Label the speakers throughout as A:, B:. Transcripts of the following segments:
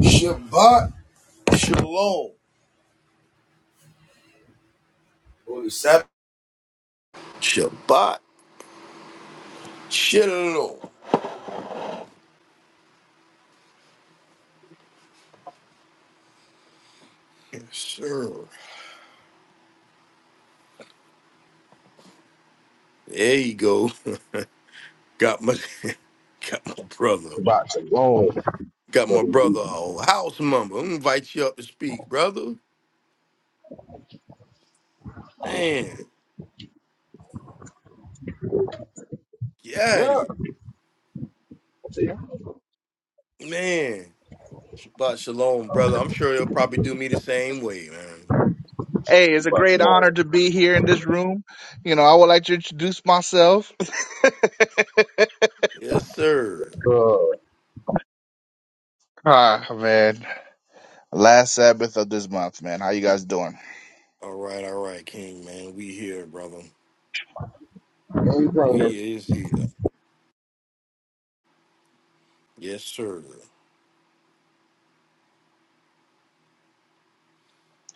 A: Shabbat Shalom. Holy Sabbath. Shabbat Shalom. Yes, sir. There you go. Got my got my brother.
B: Shabbat Shalom,
A: Got my
B: brother. Yehuda.
A: brother a house member. I'm gonna invite you up to speak, brother. Man, yeah,
B: Yeah. See,
A: man. Shabbat Shalom, brother. I'm sure he'll probably do me the same way, man.
C: Hey, it's a
B: Shabbat
C: great
B: Shalom.
C: honor to be here in this room. You know, I would like to introduce myself.
A: Yes, sir.
B: Uh,
C: Ah, man. Last Sabbath of this month, man. How you guys doing?
A: All right, all right, King, man. We here, brother.
B: ain't playing that
A: We is here. Yes, sir.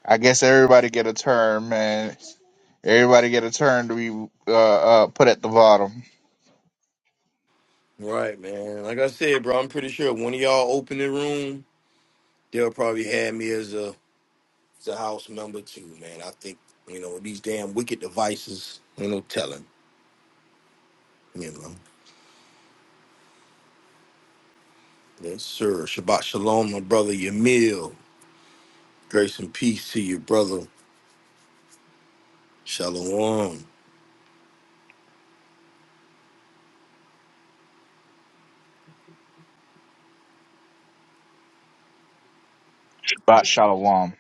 C: I guess everybody get a turn, man. Everybody get a turn to be uh, uh, put at the bottom.
A: Right, man. Like I said, bro, I'm pretty sure when y'all open the room, they'll probably have me as a as a house member too, man. I think you know these damn wicked devices. Ain't no telling, you know. Yes, sir. Shabbat shalom, my brother Yamil. Grace and peace to you, brother. Shalom.
C: Bat Shalom.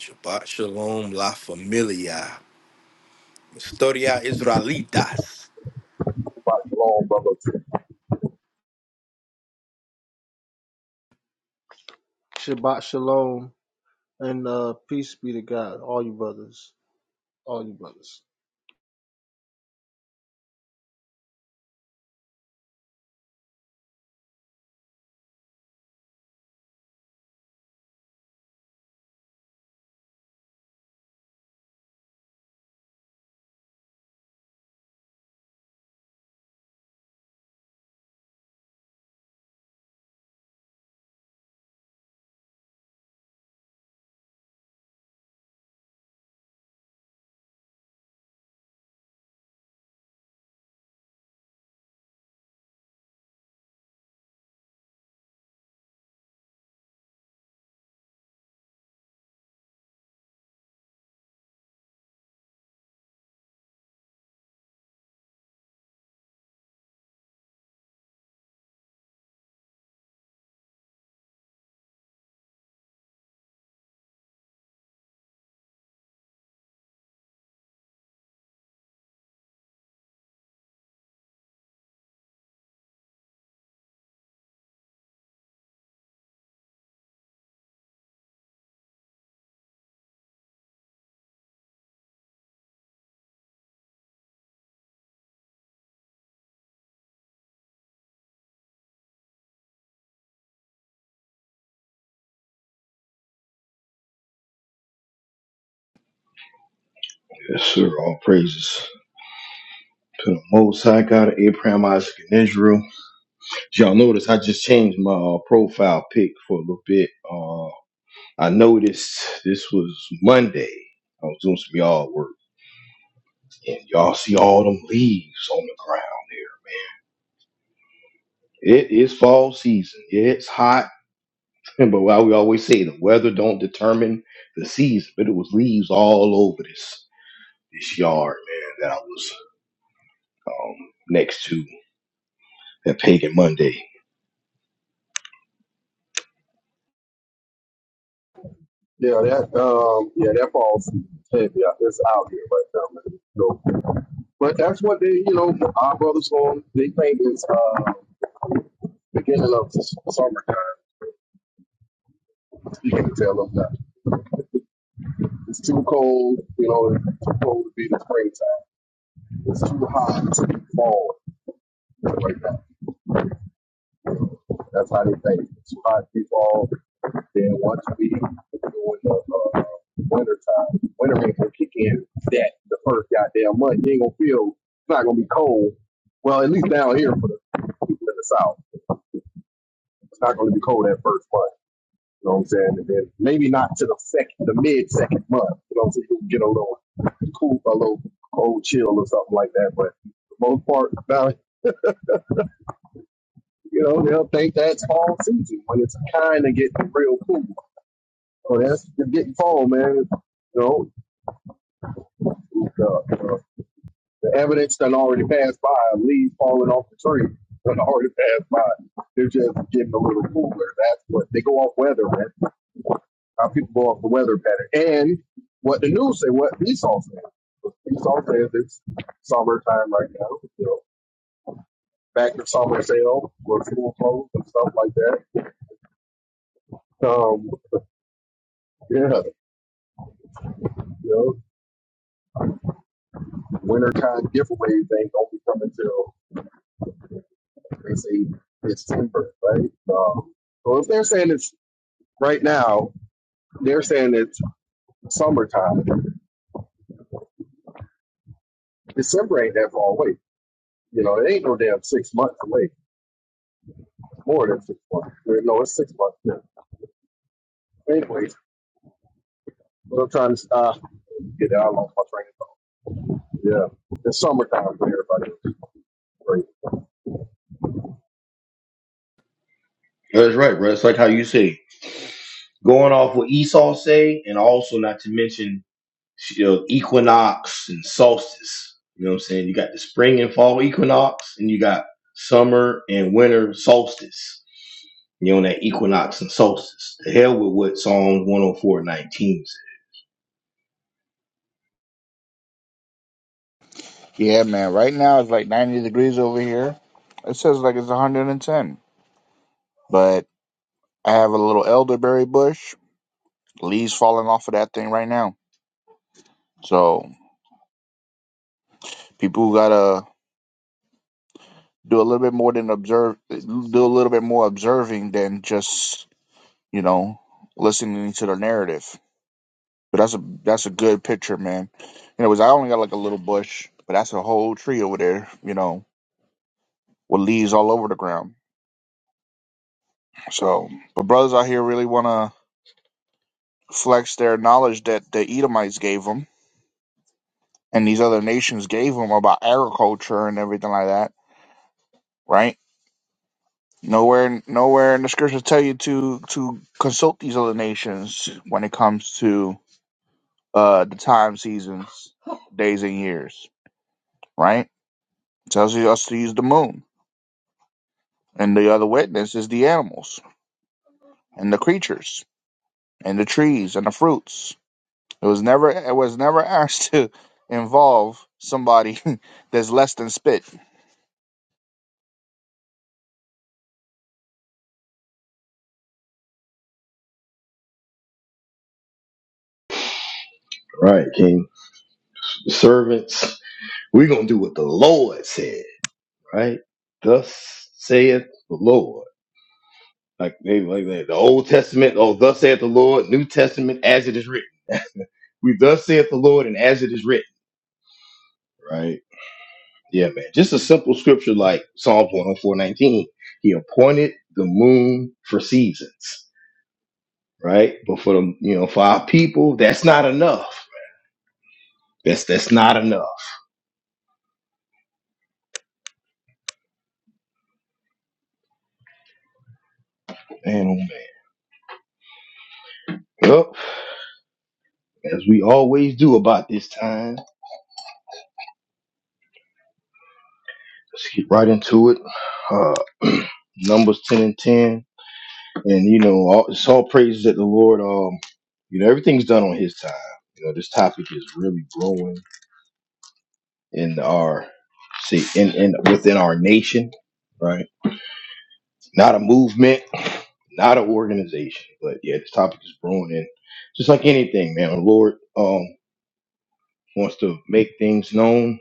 A: Shabbat shalom, la familia. Historia Israelitas.
B: Shabbat Shalom, brother.
D: Shabbat shalom and uh, peace be to God, all you brothers, all you brothers.
A: Yes, sir. All praises to the Most High God of Abraham, Isaac, and Israel. Y'all notice I just changed my uh, profile pic for a little bit. Uh, I noticed this was Monday. I was doing some yard work, and y'all see all them leaves on the ground here. It is fall season. Yeah, it's hot, but why we always say the weather don't determine the season, but it was leaves all over this this yard, man. That I was um, next to that Pagan Monday.
B: Yeah, that, um, yeah, that falls heavy. It's out here right now, man. So, but that's what they, you know, our brothers on, they think it's, uh, beginning of summertime. You can tell them that. It's too cold, you know, it's too cold to be the springtime. It's too hot to be fall right now. That's how they think. It's too hot to be fall. Then once we during the uh, winter time, winter ain't gonna kick in that the first goddamn month. You ain't gonna feel it's not gonna be cold. Well, at least down here for the people in the south, it's not gonna be cold that first month. You know what I'm saying? And then maybe not to the second, the mid second month. You know what I'm saying? You can get a little cool, a little cold chill or something like that. But for the most part, now you know they'll think that's fall season when it's kind of getting real cool. So that's it's getting fall, man. You know, The, the, the evidence that already passed by, leaves falling off the tree that already passed by. They're just getting a little cooler. That's what they go off weather, man. How people go off the weather pattern. And what the news say, what Esau said. Esau says it's summertime right now. You know, back to summer sale with school clothes and stuff like that. Um, yeah, you know, wintertime giveaway thing don't be coming till they say It's in December, right? Um, so if they're saying it's right now, they're saying it's summertime. December ain't that far away. You know, it ain't no damn six months away. More than six months. Well, No, it's six months. now. Anyways, what I'm trying to uh, get out of my train of thought. Yeah, it's summertime for everybody. Great.
A: That's right, bro. It's like how you say, going off what Esau say, and also not to mention you know, equinox and solstice. You know what I'm saying? You got the spring and fall equinox, and you got summer and winter solstice. You know, that equinox and solstice. The hell with what Psalm 104:19 19 said.
C: Yeah, man. Right now it's like 90 degrees over here. It says like it's 110. But I have a little elderberry bush. Leaves falling off of that thing right now. So people who got a do a little bit more than observe do a little bit more observing than just you know listening to the narrative but that's a that's a good picture man you know 'cause i only got like a little bush but that's a whole tree over there you know with leaves all over the ground so but brothers out here really want to flex their knowledge that the edomites gave them and these other nations gave them about agriculture and everything like that right nowhere nowhere in the scriptures tell you to to consult these other nations when it comes to uh, the time seasons, days and years, right? It Tells us to use the moon. And the other witness is the animals and the creatures and the trees and the fruits. It was never it was never asked to involve somebody that's less than spit.
A: Right, King. servants, we're going to do what the Lord said, right? Thus saith the Lord. Like, maybe like that. The Old Testament, oh, thus saith the Lord, New Testament, as it is written. We thus saith the Lord, and as it is written, right? Yeah, man. Just a simple scripture like Psalms 104:19. He appointed the moon for seasons, right? But for the you know, for our people, that's not enough. That's that's not enough. Man, oh man. Well, as we always do about this time, let's get right into it. Uh Numbers 10, and you know, all, it's all praises that the Lord, um, you know, on his time. You know, this topic is really growing in our section, right? Not a movement not an organization. But yeah, this topic is brewing, and just like yeah, man, the Lord um wants to make things known.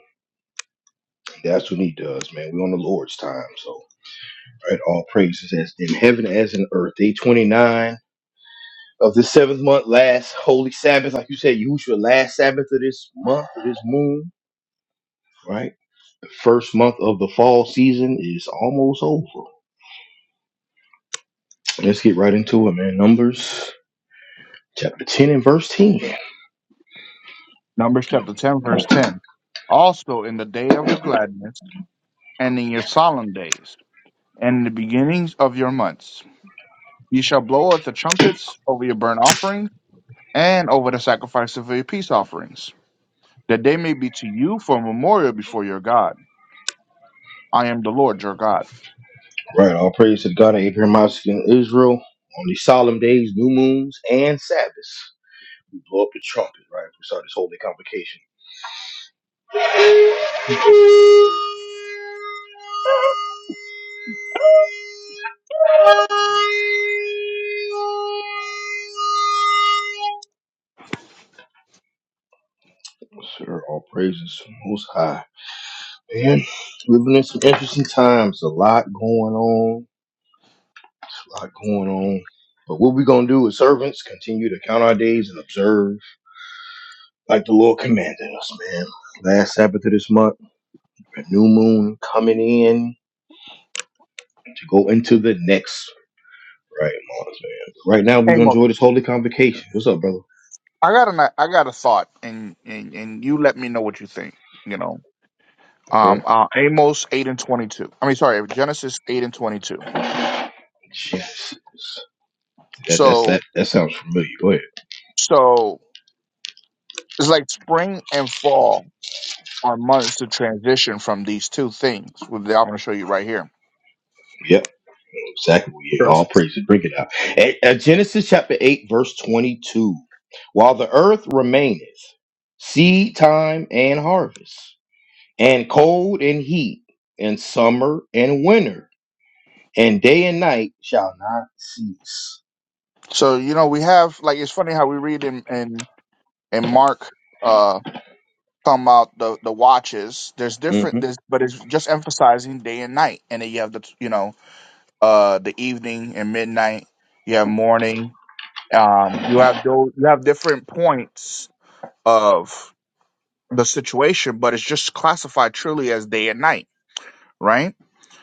A: That's us, man. We on the Lord's time, so right. Always it says in as in earth day twenty nine of the seventh month, last holy Sabbath, like you said, use your last Sabbath of this month, of this moon, right? The first month of season is over. Listen to it, man. Numbers Chapter 10 and verse 10.
C: Numbers chapter ten verse ten. Also in the day of your gladness and in your solemn days and in the beginnings of your months. Ye shall blow out the trumpets over your burnt offerings and over the sacrifice of your peace offerings that they may be to you for a memorial before your God. I am the Lord your God.
A: Right, all praise to the God of Abraham, Isaac, and Israel on these solemn days, new moons, and Sabbaths. blow up the trumpet, right? We start this holy convocation. Yes, sir, all praises to the most high. Man, living in some interesting times. A lot going on. A lot going on. But what we gonna do as servants, continue to count our days and observe like the Lord commanded us, man. Last Sabbath of this month, a new moon coming in to go into the next. Right, Mars, man. Right now we're
C: Hey,
A: gonna
C: Mo,
A: enjoy this holy convocation. What's up, brother? All
C: I got an I got a thought, and and, and you let me know what you think. You know, um,
A: right.
C: uh, Amos eight and twenty two. I mean, sorry, Genesis eight and twenty two.
A: Jesus. That that's
C: So
A: that that sounds familiar. Go ahead.
C: so it's like spring and fall are months to transition from these two things. With the- I'm going to show you right here.
A: Yep. Exactly. We
C: Yes.
A: All praise praises. Bring it out. At, at Genesis chapter 8, verse 22. While the earth remaineth, seed time and harvest, and cold and heat, and summer and winter, and day and night shall not cease.
C: So you know we have like it's funny how we read in in, in Mark. uh, talking about the the watches there's different
A: hmm
C: there's but it's just emphasizing day and night and then you have the you know uh the evening and midnight you have morning um you have those you have different points of the situation but it's just classified truly as day and night right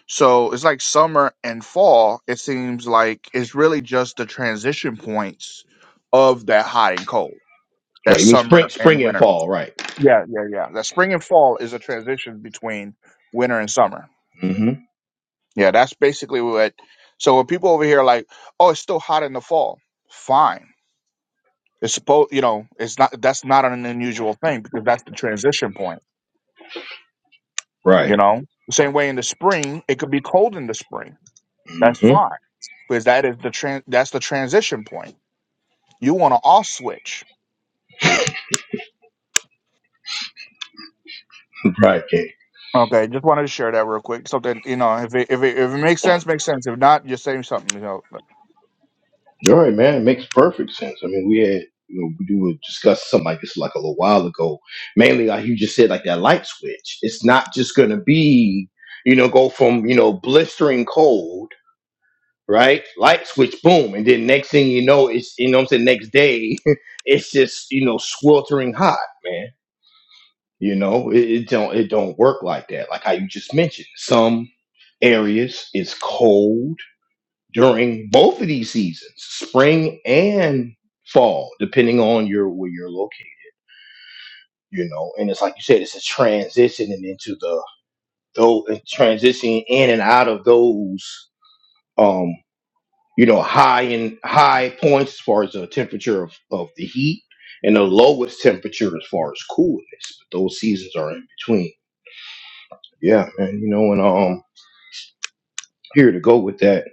C: so it's like summer and fall it seems like it's really just the transition points of that hot and cold that
A: Right. You mean spring,
C: summer and
A: spring and
C: winter
A: fall, right?
C: Yeah, yeah, yeah. That spring and fall is a transition between winter and summer.
A: hmm
C: Yeah, that's basically what. So when people over here are like, "Oh, it's still hot in the fall," fine. It's supposed, you know, it's not. That's not an unusual thing because that's the transition point.
A: Right.
C: You know, the same way in the spring, it could be cold in the spring. That's
A: hmm
C: fine because that is the tran That's the transition point. You want to off switch.
A: Right.
C: Okay, just wanted to share that real quick. Something you know, if it, if it if it makes sense, makes sense. If not, just say something. You know,
A: All right, man. It makes perfect sense. I mean, we had, you know, we were discussing something like this like a little while ago. Mainly, like you just said, like that light switch. It's not just going to be, you know, go from, you know, blistering cold, right? Light switch, boom. And then next thing you know, it's, you know what I'm saying? Next day, it's just, you know, sweltering hot, man. You know, it, it don't, it don't work like that. Like how you just mentioned, some areas it's cold during both of these seasons, spring and fall, depending on your where you're located. You know, and it's like you said, it's a transitioning into the though transitioning in and out of those um you know high and high points as far as the temperature of, of the heat and the lowest temperature as far as coolness. But those seasons are in between. Yeah, man, you know, and um here to go with that.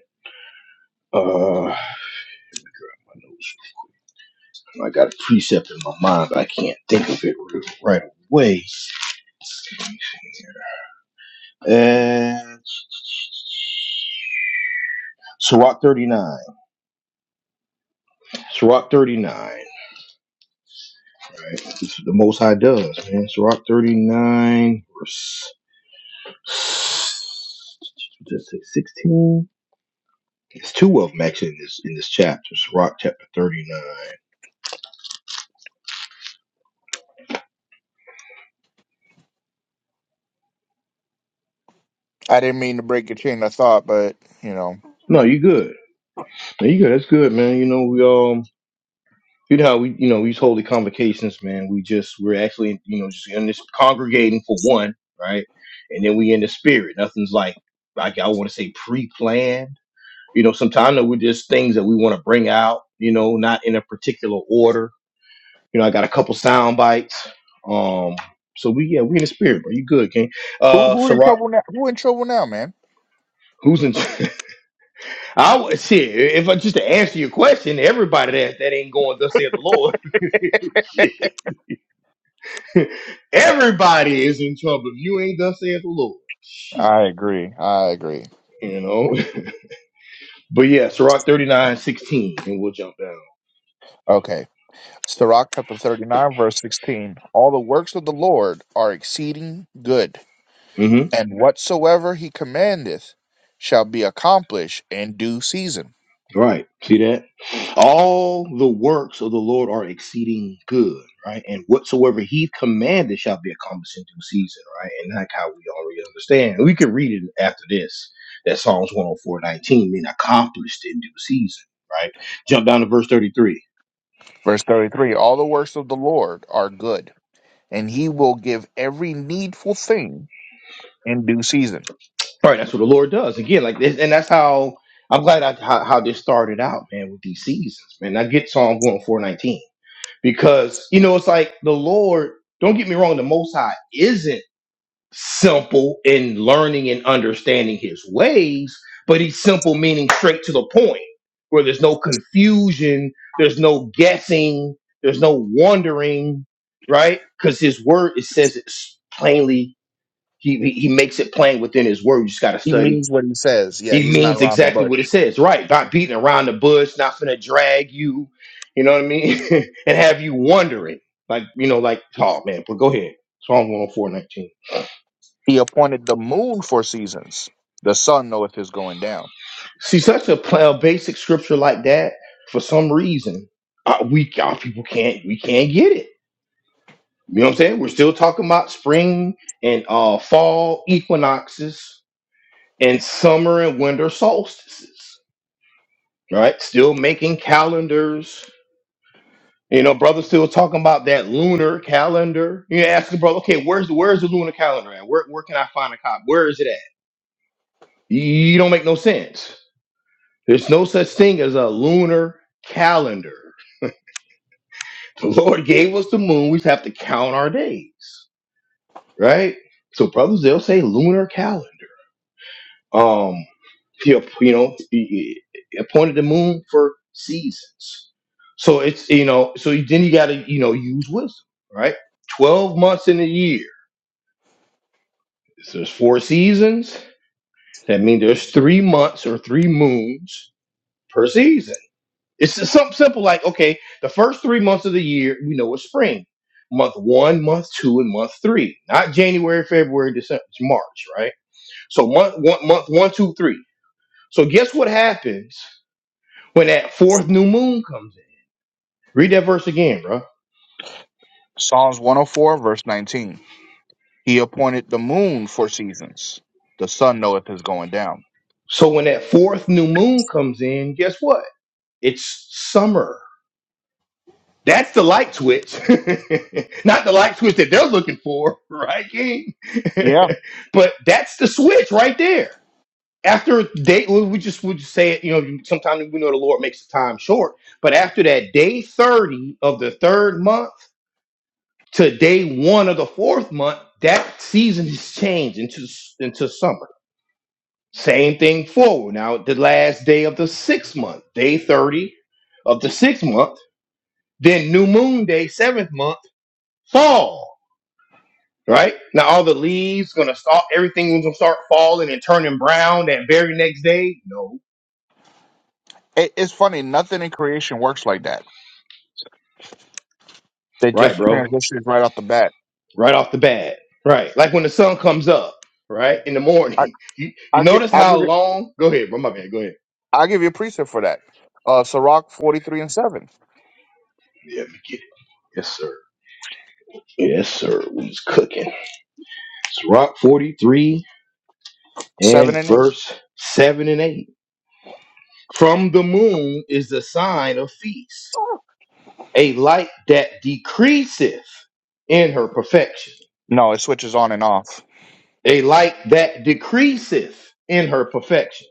A: Uh I got a precept in my mind, but I can't think of it really right away. And Sirach 39. Sirach 39. Right? This is the Most High does, man. Sirach 39, verse just say 16. It's two of them actually in this in this chapter, chapter 39.
C: I didn't mean to break your chain of thought, but you know,
A: No, you good. No, you good. That's good, man. You know, we all you know how we you know we hold the convocations man we just we're actually you know just in this congregating for one right and then we in the spirit nothing's like like i want to say pre-planned you know sometimes though, we're just things that we want to bring out you know not in a particular order you know i got a couple sound bites um so we yeah we in the spirit bro you good king
C: who
A: uh
C: who in
A: Ciroc,
C: trouble now? Who in trouble now, man?
A: who's in i was shit if i just to answer your question everybody that that ain't going to say the lord shit Everybody is in trouble if you ain't thus saith the Lord. Shit,
C: I agree. I agree.
A: you know. but yeah, Sirach 39 16, and we'll jump down.
C: Okay, Sirach chapter thirty nine, verse sixteen. All the works of the Lord are exceeding good,
A: Mm-hmm.
C: and whatsoever he commandeth shall be accomplished in due season.
A: Right. See that? All the works of the Lord are exceeding good, right? And whatsoever he commanded shall be accomplished in due season, right? And that's how we already understand. We can read it after this. That Psalms 104 19 mean accomplished in due season, right? Jump down to verse 33.
C: Verse thirty three. All the works of the Lord are good, and he will give every needful thing in due season.
A: All right, that's what the Lord does again. Like, this, and that's how I'm glad I, how, how this started out, man, with these seasons, man. I get Psalm one four nineteen because you know it's like the Lord. Don't get me wrong, the Most High isn't simple in learning and understanding His ways, but He's simple meaning straight to the point, where there's no confusion, there's no guessing, there's no wondering, right? Because His Word it says it plainly. He, he he makes it plain within his word. You just got to
C: He
A: study
C: means what he says. Yeah,
A: it
C: he's not
A: means
C: around the
A: exactly
C: bush.
A: what it says, right? Not beating around the bush, not finna drag you, you know what I mean, and have you wondering, like you know, like oh man. But go ahead, Psalm one hundred four nineteen.
C: He appointed the moon for seasons. The sun knoweth his going down.
A: See, such a, pl- a basic scripture like that, for some reason, uh, we our people can't we can't get it. You know what I'm saying? We're still talking about spring and uh, fall equinoxes and summer and winter solstices, right? Still making calendars You know, brother still talking about that lunar calendar. You ask the brother, okay, where's where's the lunar calendar at? Where where can I find a copy? Where is it at? You don't make no sense. There's no such thing as a lunar calendar. The Lord gave us the moon. We just have to count our days, right? So brothers, they'll say lunar calendar. Um, He you know, he he appointed the moon for seasons. So it's you know, so then you got to you know use wisdom, right? Twelve months in a year So there's four seasons. That means there's three months or three moons per season. It's just something simple like, okay, the first three months of the year, we know it's spring. Month one, month two, and month three. Not January, February, December, it's March, right? So month one, month one, two, three. So guess what happens when that fourth new moon comes in? Read that verse again, bro.
C: Psalms 104, verse 19. He appointed the moon for seasons. The sun knoweth his going down.
A: So when that fourth new moon comes in, guess what? It's summer That's the light switch, not the light switch that they're looking for, right, King?
C: Yeah.
A: but that's the switch right there. After day, well, we just would just say it. You know, sometimes we know the Lord makes the time short, but after that day thirty of the third month to day one of the fourth month, that season is changed into into summer. Same thing forward. Now, the last day of the sixth month, day thirty of the sixth month, then new moon day seventh month fall, right? Now all the leaves gonna start, Everything's gonna start falling and turning brown that very next day. No,
C: It, it's funny. Nothing in creation works like that. They
A: right,
C: just
A: bro,
C: transitions right off the bat.
A: right off the bat, right? Like when the sun comes up, right in the
C: I,
A: morning. You you
C: I, give,
A: notice
C: I,
A: how
C: give, you-
A: long? Go ahead, bro, my man. Go ahead.
C: I give you a precept for that. Uh, Sirach 43 and 7.
A: Yeah, we get it. Yes, sir. Yes, sir. We's cooking. It's Rock forty three
C: 7
A: and
C: and 8.
A: verse seven and eight. From the moon is the sign of feast, a light that decreaseth in her perfection
C: No, it switches on and off.
A: a light that decreaseth in her perfection.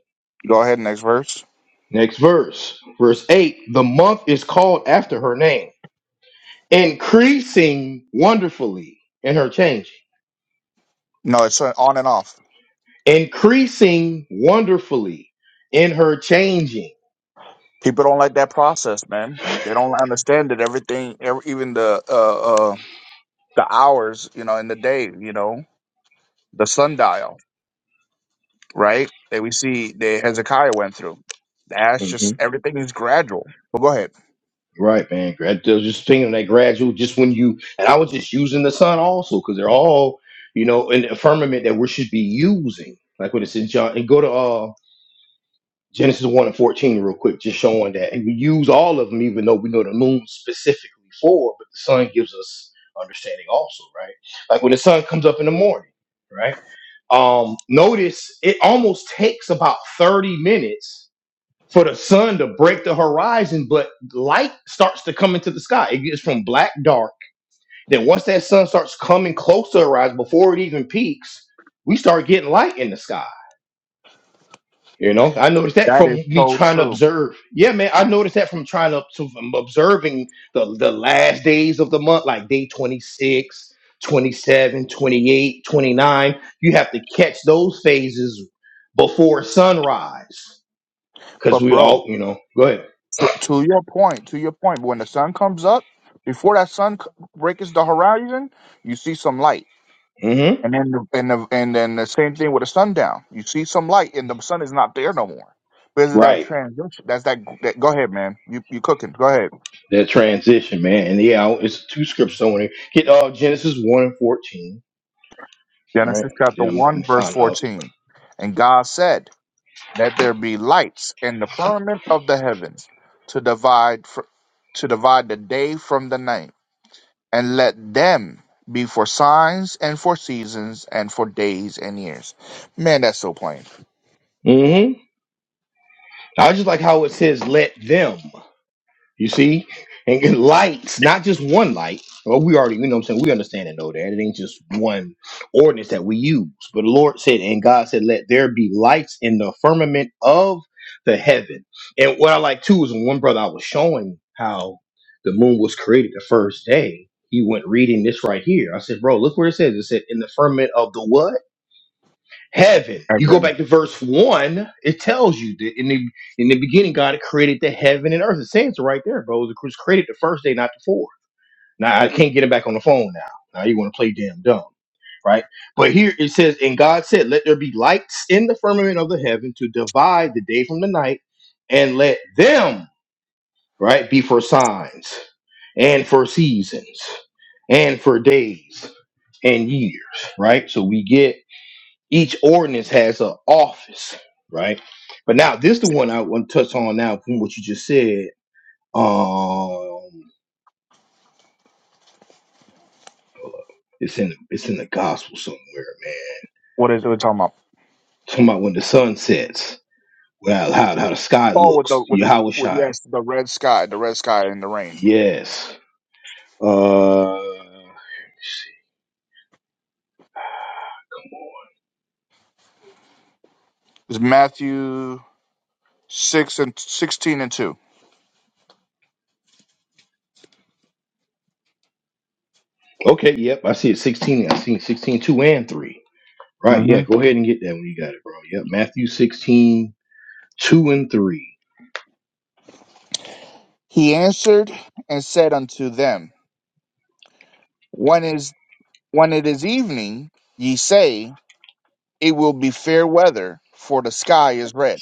C: Go ahead, next verse.
A: Next verse, verse 8 the month is called after her name, increasing wonderfully in her changing,
C: No, it's uh, on and off.
A: increasing wonderfully in her changing.
C: People don't like that process, man. They don't understand that everything, ev even the uh, uh, the hours, you know, in the day, you know, the sundial, right? That we see that Hezekiah went through. That's
A: hmm
C: just everything is gradual. But go ahead.
A: Right, man. Grad, they're just thinking that gradual, just when you, and I was just using the sun also because they're all, you know, in the firmament that we should be using. Like when it's in John, and go to uh, Genesis 1 and 14 real quick, just showing that and we use all of them, even though we know the moon specifically for, but the sun gives us understanding also, right? Like when the sun comes up in the morning, right? Um, notice it almost takes about 30 minutes for the sun to break the horizon, but light starts to come into the sky. It gets from black dark. Then once that sun starts coming close to the horizon before it even peaks, we start getting light in the sky you know, I noticed that
C: That
A: from
C: is
A: me
C: so
A: trying to
C: true.
A: observe. Yeah, man, I noticed that from trying to to- from observing the, the last days of the month, like day 26, 27, 28, 29. You have to catch those phases before sunrise
C: But
A: because we
C: bro,
A: all, you know, go
C: to, to your point, to your point, when the sun comes up, before that sun c- breaks the horizon, you see some light.
A: ahead. hmm
C: And then the, and the, and then the same thing with the sundown. You see some light, and the sun is not there no more. Because of that
A: Right.
C: transition. That's that, that. Go ahead, man. You you cooking? Go ahead.
A: That transition, man. And yeah, I- it's two scripts on there. Get uh, Genesis 1 and 14. All right.
C: Genesis chapter
A: Then I'm, I'm
C: one
A: going to
C: verse
A: find out.
C: fourteen. And God said, "Let there be lights in the firmament of the heavens to divide fr- to divide the day from the night, and let them be for signs and for seasons and for days and years." Man, that's so plain.
A: hmm I just like how it says, let them. You see? And get lights, not just one light. Well, we already, you know what I'm saying? We understand and know that. It ain't just one ordinance that we use. But the Lord said, and God said, let there be lights in the firmament of the heaven. And what I like too is when one brother I was showing how the moon was created the first day, he went reading this right here. I said, bro, look where it says. It said, in the firmament of the what? heaven.
C: And
A: You go
C: then
A: back to verse one, it tells you that in the in the beginning, God created the heaven and earth. It says it right there, bro. It was created the first day, not the fourth. Now I can't get it back on the phone now. Now you want to play damn dumb, right? But here it says, and God said, Let there be lights in the firmament of the heaven to divide the day from the night, and let them right be for signs and for seasons and for days and years, right? So we get each ordinance has an office, right? But now this the one I want to touch on now from what you just said. Um, it's in it's in the gospel somewhere, man.
C: what is it we're talking about?
A: Talking about when the sun sets, well, how how the sky
C: Oh, with the
A: looks,
C: with the with,
A: Yahushai.
C: yes, the red sky, the red sky and the rain.
A: Yes. Uh.
C: It's Matthew six and sixteen and 2
A: Okay, yep, I see it 16. I see it 16, 2 and 3. Right,
C: Mm-hmm.
A: yeah, go ahead and get that when you got it, bro. Yep, Matthew 16, 2 and 3.
C: He answered and said unto them, When is when it is evening, ye say, It will be fair weather, for the sky is red.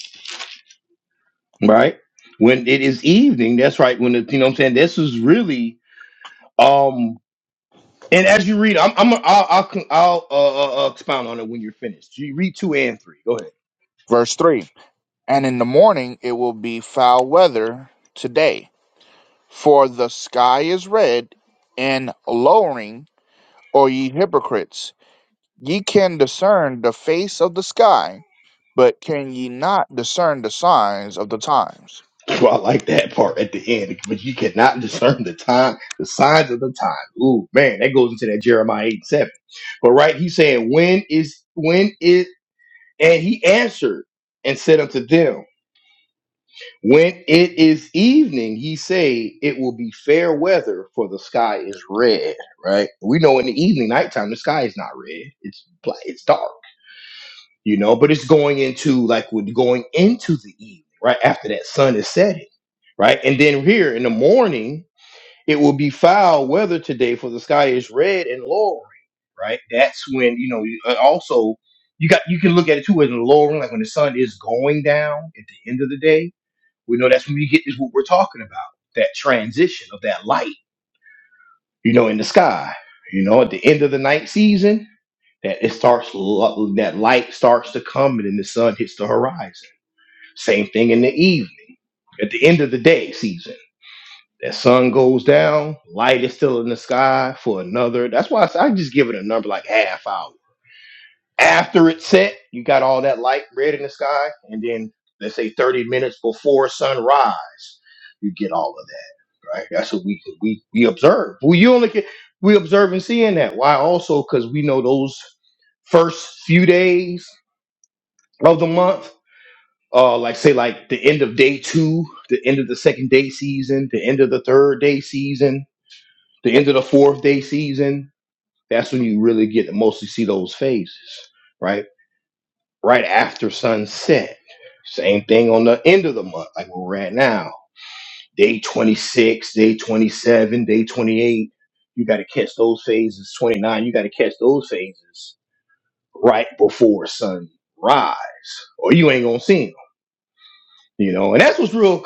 A: right? When it is evening, that's right. When it, you know what I'm saying, this is really um. And as you read, I'm, I'm I'll I'll, con- I'll uh, uh, uh, expound on it when you're finished. You read two and three. Go ahead.
C: Verse three. And in the morning it will be foul weather today, for the sky is red and lowering. Or ye hypocrites, ye can discern the face of the sky But can ye not discern the signs of the times?
A: Well, I like that part at the end, but you cannot discern the time, the signs of the time. Ooh, man, that goes into that Jeremiah eight and seven. But right, he's saying when is when is and he answered and said unto them. When it is evening, he say, it will be fair weather, for the sky is red, right? We know in the evening, nighttime, the sky is not red. It's black, it's dark, you know, but it's going into, like, we're going into the evening, right? After that sun is setting, right? And then here in the morning, it will be foul weather today, for the sky is red and lowering, right? That's when, you know, you- uh, also, you got, you can look at it too as lowering, like when the sun is going down at the end of the day we know that's when you get is what we're talking about that transition of that light, you know, in the sky. You know, at the end of the night season, that it starts lo- that light starts to come and then the sun hits the horizon. Same thing in the evening. At the end of the day season, that sun goes down, light is still in the sky for another. That's why I, s- I just give it a number like half hour. After it's set, you got all that light red in the sky, and then let's say 30 minutes before sunrise, you get all of that. right? That's what we we we observe. We you only can we observe and see in that. Why also because we know those first few days of the month, uh, like say like the end of day two, the end of the second day season, the end of the third day season, the end of the fourth day season. That's when you really get to mostly see those phases, right? Right after sunset. Same thing on the end of the month, like where we're at now day 26, day 27, day 28. You got to catch those phases. 29, you got to catch those phases right before sunrise, or you ain't going to see them. You know, and that's what's real.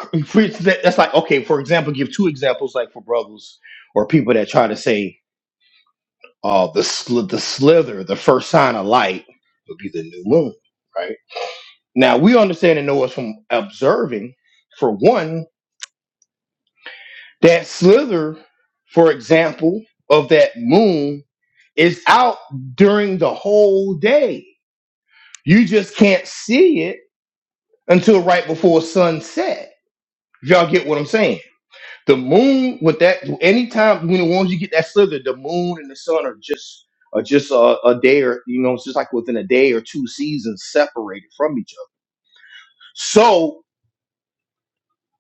A: That's like, okay, for example, give two examples like for brothers or people that try to say uh, the, sl- the slither, the first sign of light would be the new moon, right? Now, we understand and know it's from observing, for one. That slither, for example, of that moon is out during the whole day. You just can't see it until right before sunset. If y'all get what I'm saying. The moon with that anytime when once you get that slither, the moon and the sun are just are just a, a day or you know, it's just like within a day or two seasons separated from each other. So.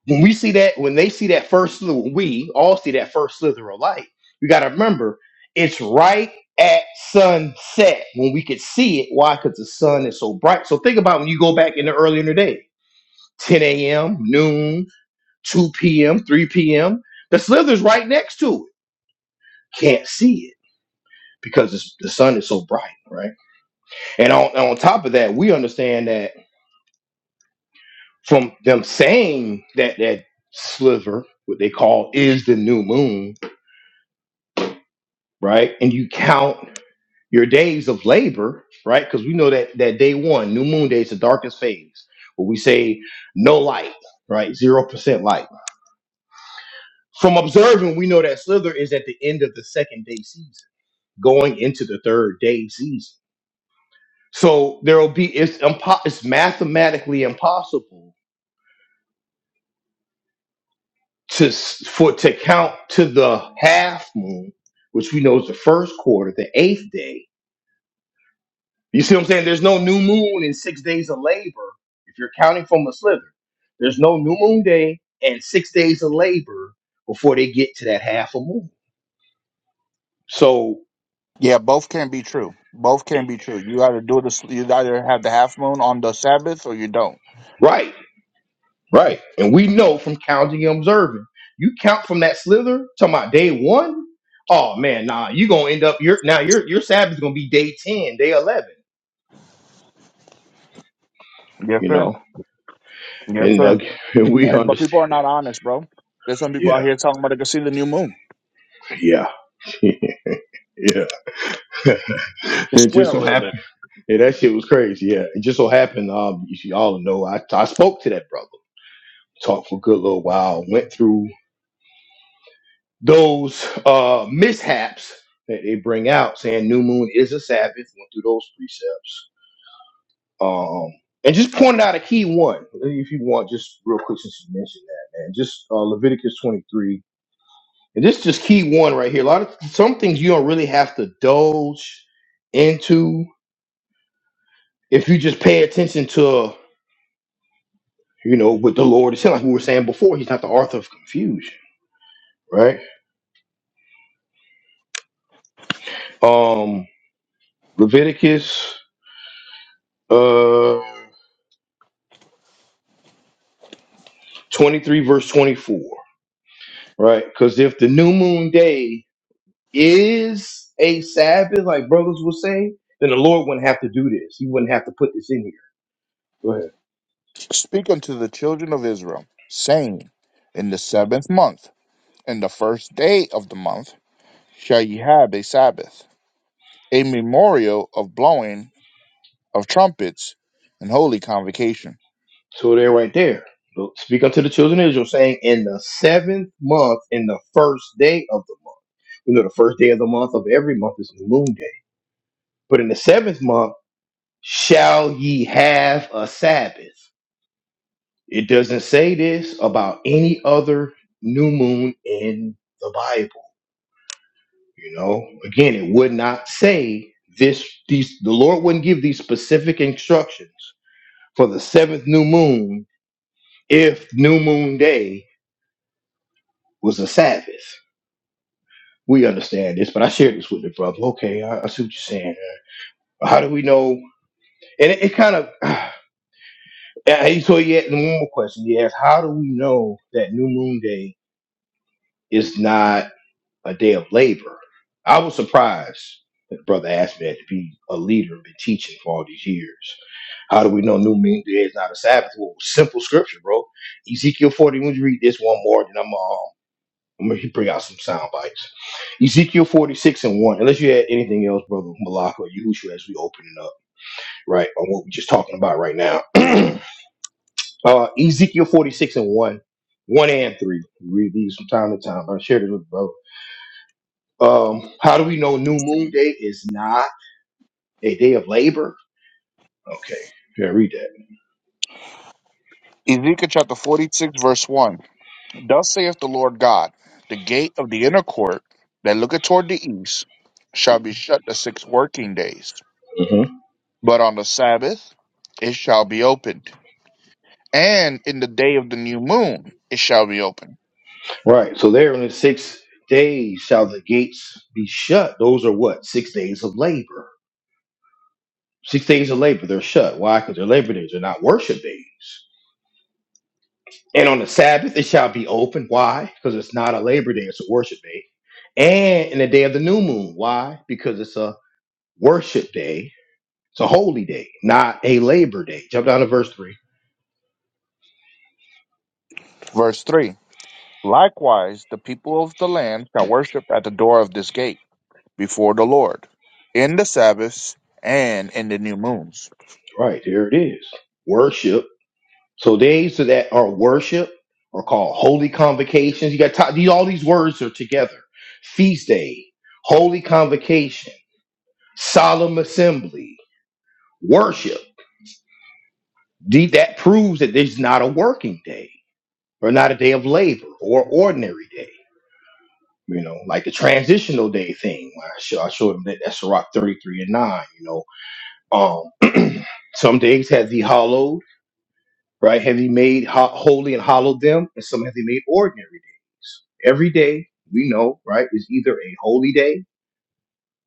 A: when we see that, when they see that first, sliver, we all see that first slither of light, you got to remember it's right at sunset when we could see it. Why? Because the sun is so bright. So think about when you go back in the early in the day, 10 a.m., noon, 2 p.m., 3 p.m. The slither's right next to it. Can't see it because it's, the sun is so bright, right? And on, and on top of that, we understand that from them saying that that sliver, what they call is the new moon, right? And you count your days of labor, right? Because we know that that day one, new moon day, is the darkest phase where we say no light, right? Zero percent light. From observing, we know that slither is at the end of the second day season, going into the third day season. So there will be it's impo- it's mathematically impossible to s- for to count to the half moon, which we know is the first quarter, the eighth day, You see what I'm saying? There's no new moon in six days of labor. If you're counting from a slither, there's no new moon day and six days of labor before they get to that half a moon. So,
C: Yeah, both can be true. Both can be true. You either do this, you either have the half moon on the Sabbath or you don't.
A: right, right. And we know from counting and observing, you count from that slither to my day one. Oh man, nah, you gonna end up your now your your sabbath is gonna be day ten, day eleven.
C: Yes,
A: You
C: sir.
A: know,
C: Yes,
A: and uh,
C: sir.
A: we
C: And, but people
A: understand.
C: are not honest, bro. There's some people out
A: Yeah,
C: here talking about they can see the new moon.
A: yeah, yeah.
C: Just
A: it
C: squint
A: just
C: a
A: so
C: little
A: happens.
C: bit.
A: Yeah, that shit was crazy. Yeah, it just so happened. Um, if you see, all know I I spoke to that brother, talked for a good little while, went through those uh mishaps that they bring out, saying new moon is a Sabbath. Went through those precepts, um, and just pointed out a key one. If you want, just real quick since you mentioned that, man, just uh, Leviticus twenty three, and this just key one right here. A lot of some things you don't really have to indulge into if you just pay attention to. you know, with the Lord itself. Like we were saying before, he's not the author of confusion, right? Um, Leviticus uh 23, verse 24, right? Because if the new moon day is a Sabbath, like brothers will say, then the Lord wouldn't have to do this. He wouldn't have to put this in here. Go ahead.
C: Speak unto the children of Israel, saying, In the seventh month, in the first day of the month, shall ye have a Sabbath, a memorial of blowing of trumpets and holy convocation.
A: So they're right there. So Speak unto the children of Israel, saying, In the seventh month, in the first day of the month. We know the first day of the month of every month is new moon day. But in the seventh month, shall ye have a Sabbath? It doesn't say this about any other new moon in the Bible. You know, again, it would not say this. These the Lord wouldn't give these specific instructions for the seventh new moon if new moon day was a Sabbath. We understand this, but I shared this with the brother. Okay, I, I see what you're saying. How do we know? And it, it kind of. And so he had and one more question. He asked, "How do we know that new moon day?" It's not a day of labor. I was surprised that the brother asked me that to be a leader and been teaching for all these years. How do we know New Moon Day is not a Sabbath? Well, simple scripture, bro. Ezekiel 40, when you read this one more, then I'm, um, I'm going to bring out some sound bites. Ezekiel 46 and 1, unless you had anything else, brother Malak or Yahushua, as we open it up, right, on what we're just talking about right now. uh, Ezekiel 46 and 1, 1 and 3. We read these from time to time. I shared it with brother. Um, how do we know New Moon Day is not a day of labor? Okay, yeah, read that.
C: Ezekiel chapter 46, verse 1. Thus saith the Lord God, the gate of the inner court that looketh toward the east shall be shut the six working days,
A: hmm
C: but on the Sabbath it shall be opened, and in the day of the new moon it shall be opened.
A: Right. So there in the six days shall the gates be shut. Those are what? Six days of labor. Six days of labor, they're shut. Why? Because they're labor days, they're not worship days. And on the Sabbath it shall be open. Why? Because it's not a labor day, it's a worship day. And in the day of the new moon. Why? Because it's a worship day. It's a holy day, not a labor day. Jump down to verse 3.
C: Verse 3. Likewise, the people of the land shall worship at the door of this gate before the Lord in the Sabbaths and in the new moons.
A: Right, here it is. Worship. So days that are worship are called holy convocations. You got to, these, all these words are together. Feast day, holy convocation, solemn assembly, worship. The- That proves that there's not a working day or not a day of labor or ordinary day. You know, like the transitional day thing. I show, I showed him that that's Rock 33 and 9, you know. Um, some days have the hollows. right? Have he made ho- holy and hallowed them? And some have he made ordinary days. Every day, we know, right, is either a holy day,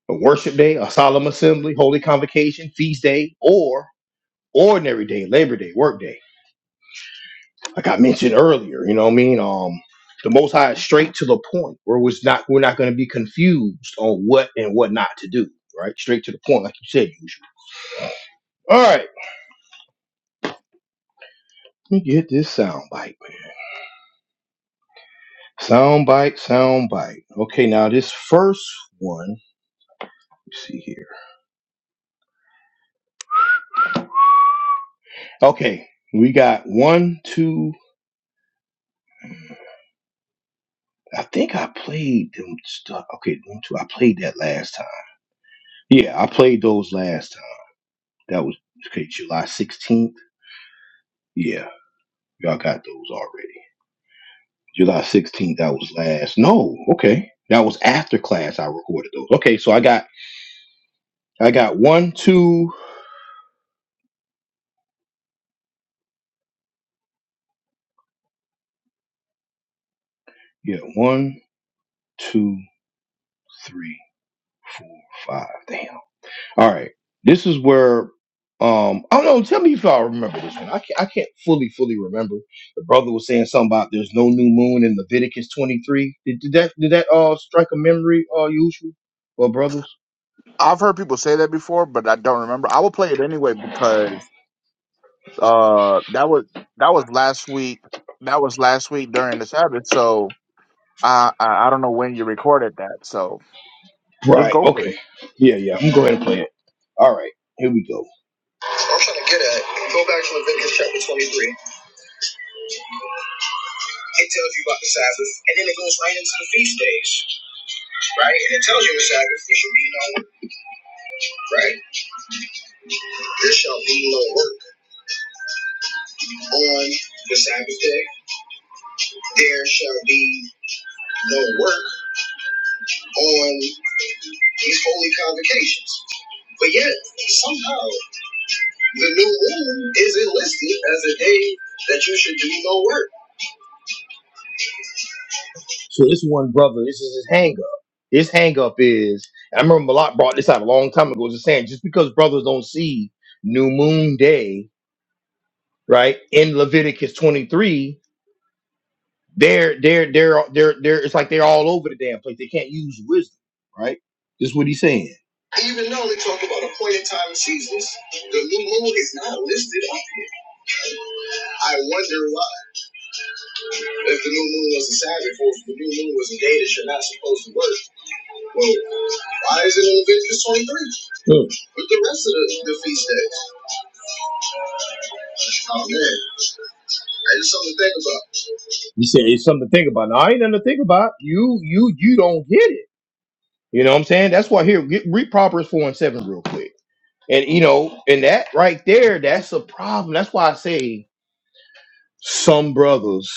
A: a worship day, a solemn assembly, holy convocation, feast day, or ordinary day, labor day, work day. Like I mentioned earlier, you know what I mean? Um, the Most High is straight to the point where we're not we're not going to be confused on what and what not to do, right? Straight to the point, like you said, usually. All right, let me get this sound bite, man. Sound bite, sound bite. Okay, now this first one Let's see here. Okay, we got one, two. I think I played them stuff. Okay, one, two. I played that last time. Yeah, I played those last time. That was okay, July sixteenth. Yeah, y'all got those already. July sixteenth. That was last. No, okay, that was after class. I recorded those. Okay, so I got I got one, two. Yeah, one, two, three, four, five. Damn. All right. This is where um I don't know, tell me if I remember this one. I can't I can't fully, fully remember. The brother was saying something about there's no new moon in Leviticus twenty three. Did, did that did that uh strike a memory uh usual or brothers?
C: I've heard people say that before, but I don't remember. I will play it anyway because Uh, that was that was last week. That was last week during the Sabbath. So I I, I don't know when you recorded that. So just
A: Right,
C: go for it.
A: okay. Yeah, yeah. I'm going to go ahead and play it. All right, here we go. What I'm trying to get at, go back to Leviticus chapter 23. It tells you about the Sabbath, and then it goes right into the feast days, right? And it tells you the Sabbath, there shall be no work, right? There shall be no work on the Sabbath day there shall be no work on these holy convocations. But yet, somehow, the new moon is enlisted as a day that you should do no work. So this one brother, this is his hang up. His hang up is, I remember Malak brought this out a long time ago, just saying, just because brothers don't see New Moon Day, right, in Leviticus 23, They're they're they're they're they're it's like they're all over the damn place. They can't use wisdom, right? This is what he's saying. Even though they talk about appointed time and seasons, the new moon is not listed on here. I wonder why. If the new moon was a Sabbath, or if the new moon was a day that you're not supposed to work, well, why is it in Leviticus 23? Hmm. With the rest of the, the feast days. Oh man, that's just something to think about. You said it's something to think about. No, I ain't nothing to think about. You you you don't get it. You know what I'm saying? That's why here get, read Proverbs four and seven real quick. And you know, and that right there, that's a problem. That's why I say some brothers,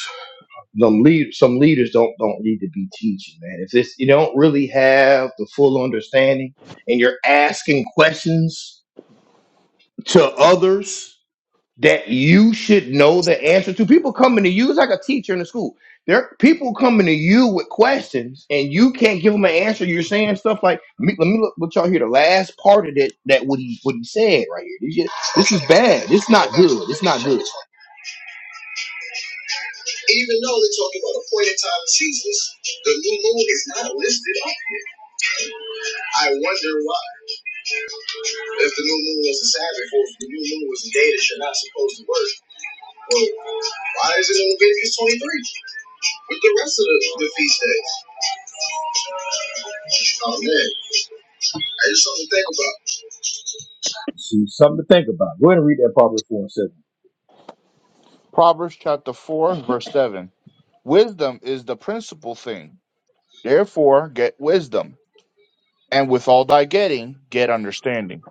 A: some lead, some leaders don't don't need to be teaching, man. If this you don't really have the full understanding, and you're asking questions to others that you should know the answer to. People coming to you is like a teacher in the school. There, people coming to you with questions, and you can't give them an answer. You're saying stuff like, me- "Let me look, let y'all hear the last part of that. That what he what he said right here. This, is- this is bad. It's not good. It's not good." Even though they're talking about a point in time of Jesus, the new moon is not listed on here. I wonder why. If the new moon was a Sabbath, or if the new moon was a day that you're not supposed to work. Well, Why is it in Leviticus 23 with the rest of the, the feast days? Oh man, I just something to think about. See, something to think about. Go ahead and read that Proverbs 4 and 7.
C: Proverbs chapter four verse seven. Wisdom is the principal thing. Therefore, get wisdom, and with all thy getting, get understanding.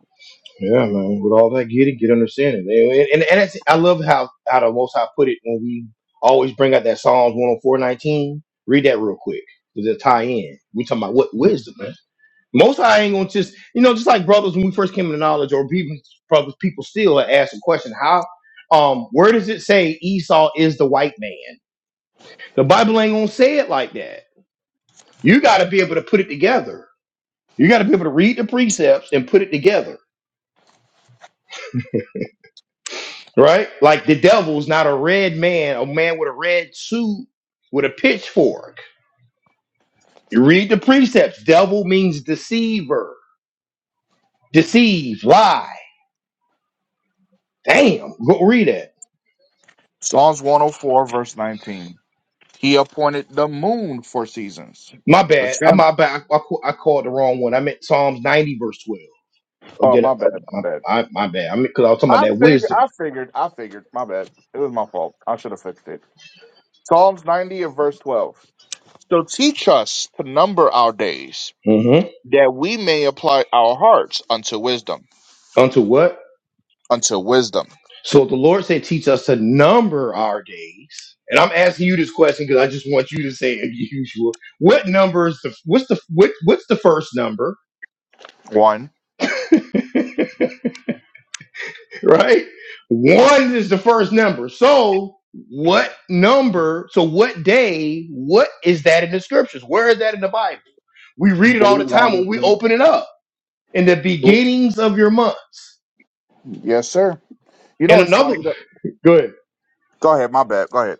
A: Yeah, man. With all that getting, get understanding. And, and, and it's, I love how how the Most High put it when we always bring out that Psalms 104:19. Read that real quick. Cause it'll tie in. We talking about what wisdom, man. Most I ain't gonna just, you know, just like brothers when we first came into knowledge, or even brothers, people still ask the question, how, um, where does it say Esau is the white man? The Bible ain't gonna say it like that. You got to be able to put it together. You got to be able to read the precepts and put it together, right? Like the devil's not a red man, a man with a red suit with a pitchfork. You read the precepts. Devil means deceiver, deceive, lie. Damn, go read that.
C: Psalms one hundred four verse nineteen. He appointed the moon for seasons.
A: My
C: The
A: bad. I
C: sun.
A: my bad. I, I, ca- I called the wrong one. I meant Psalms ninety verse twelve. Or
C: Oh
A: did I?
C: my bad, my bad.
A: I, I my bad. I mean, because I was talking about
C: I
A: that
C: figured.
A: wisdom.
C: I figured. I figured. My bad. It was my fault. I should have fixed it. Psalms 90 and verse 12. So teach us to number our days,
A: Mm-hmm.
C: that we may apply our hearts unto wisdom.
A: Unto what?
C: Unto wisdom.
A: So the Lord said, "Teach us to number our days." And I'm asking you this question because I just want you to say, as usual, what numbers? The what's the what, what's the first number?
C: One.
A: right? One is the first number. So what number? So what day? What is that in the scriptures? Where is that in the Bible? We read it
C: Day
A: all the
C: one
A: time
C: has
A: when we
C: been
A: open it up. In the
C: written.
A: beginnings of your months.
C: Yes, sir. You
A: And
C: know, it's
A: another
C: funny. That...
A: good.
C: Go ahead. My bad. Go ahead.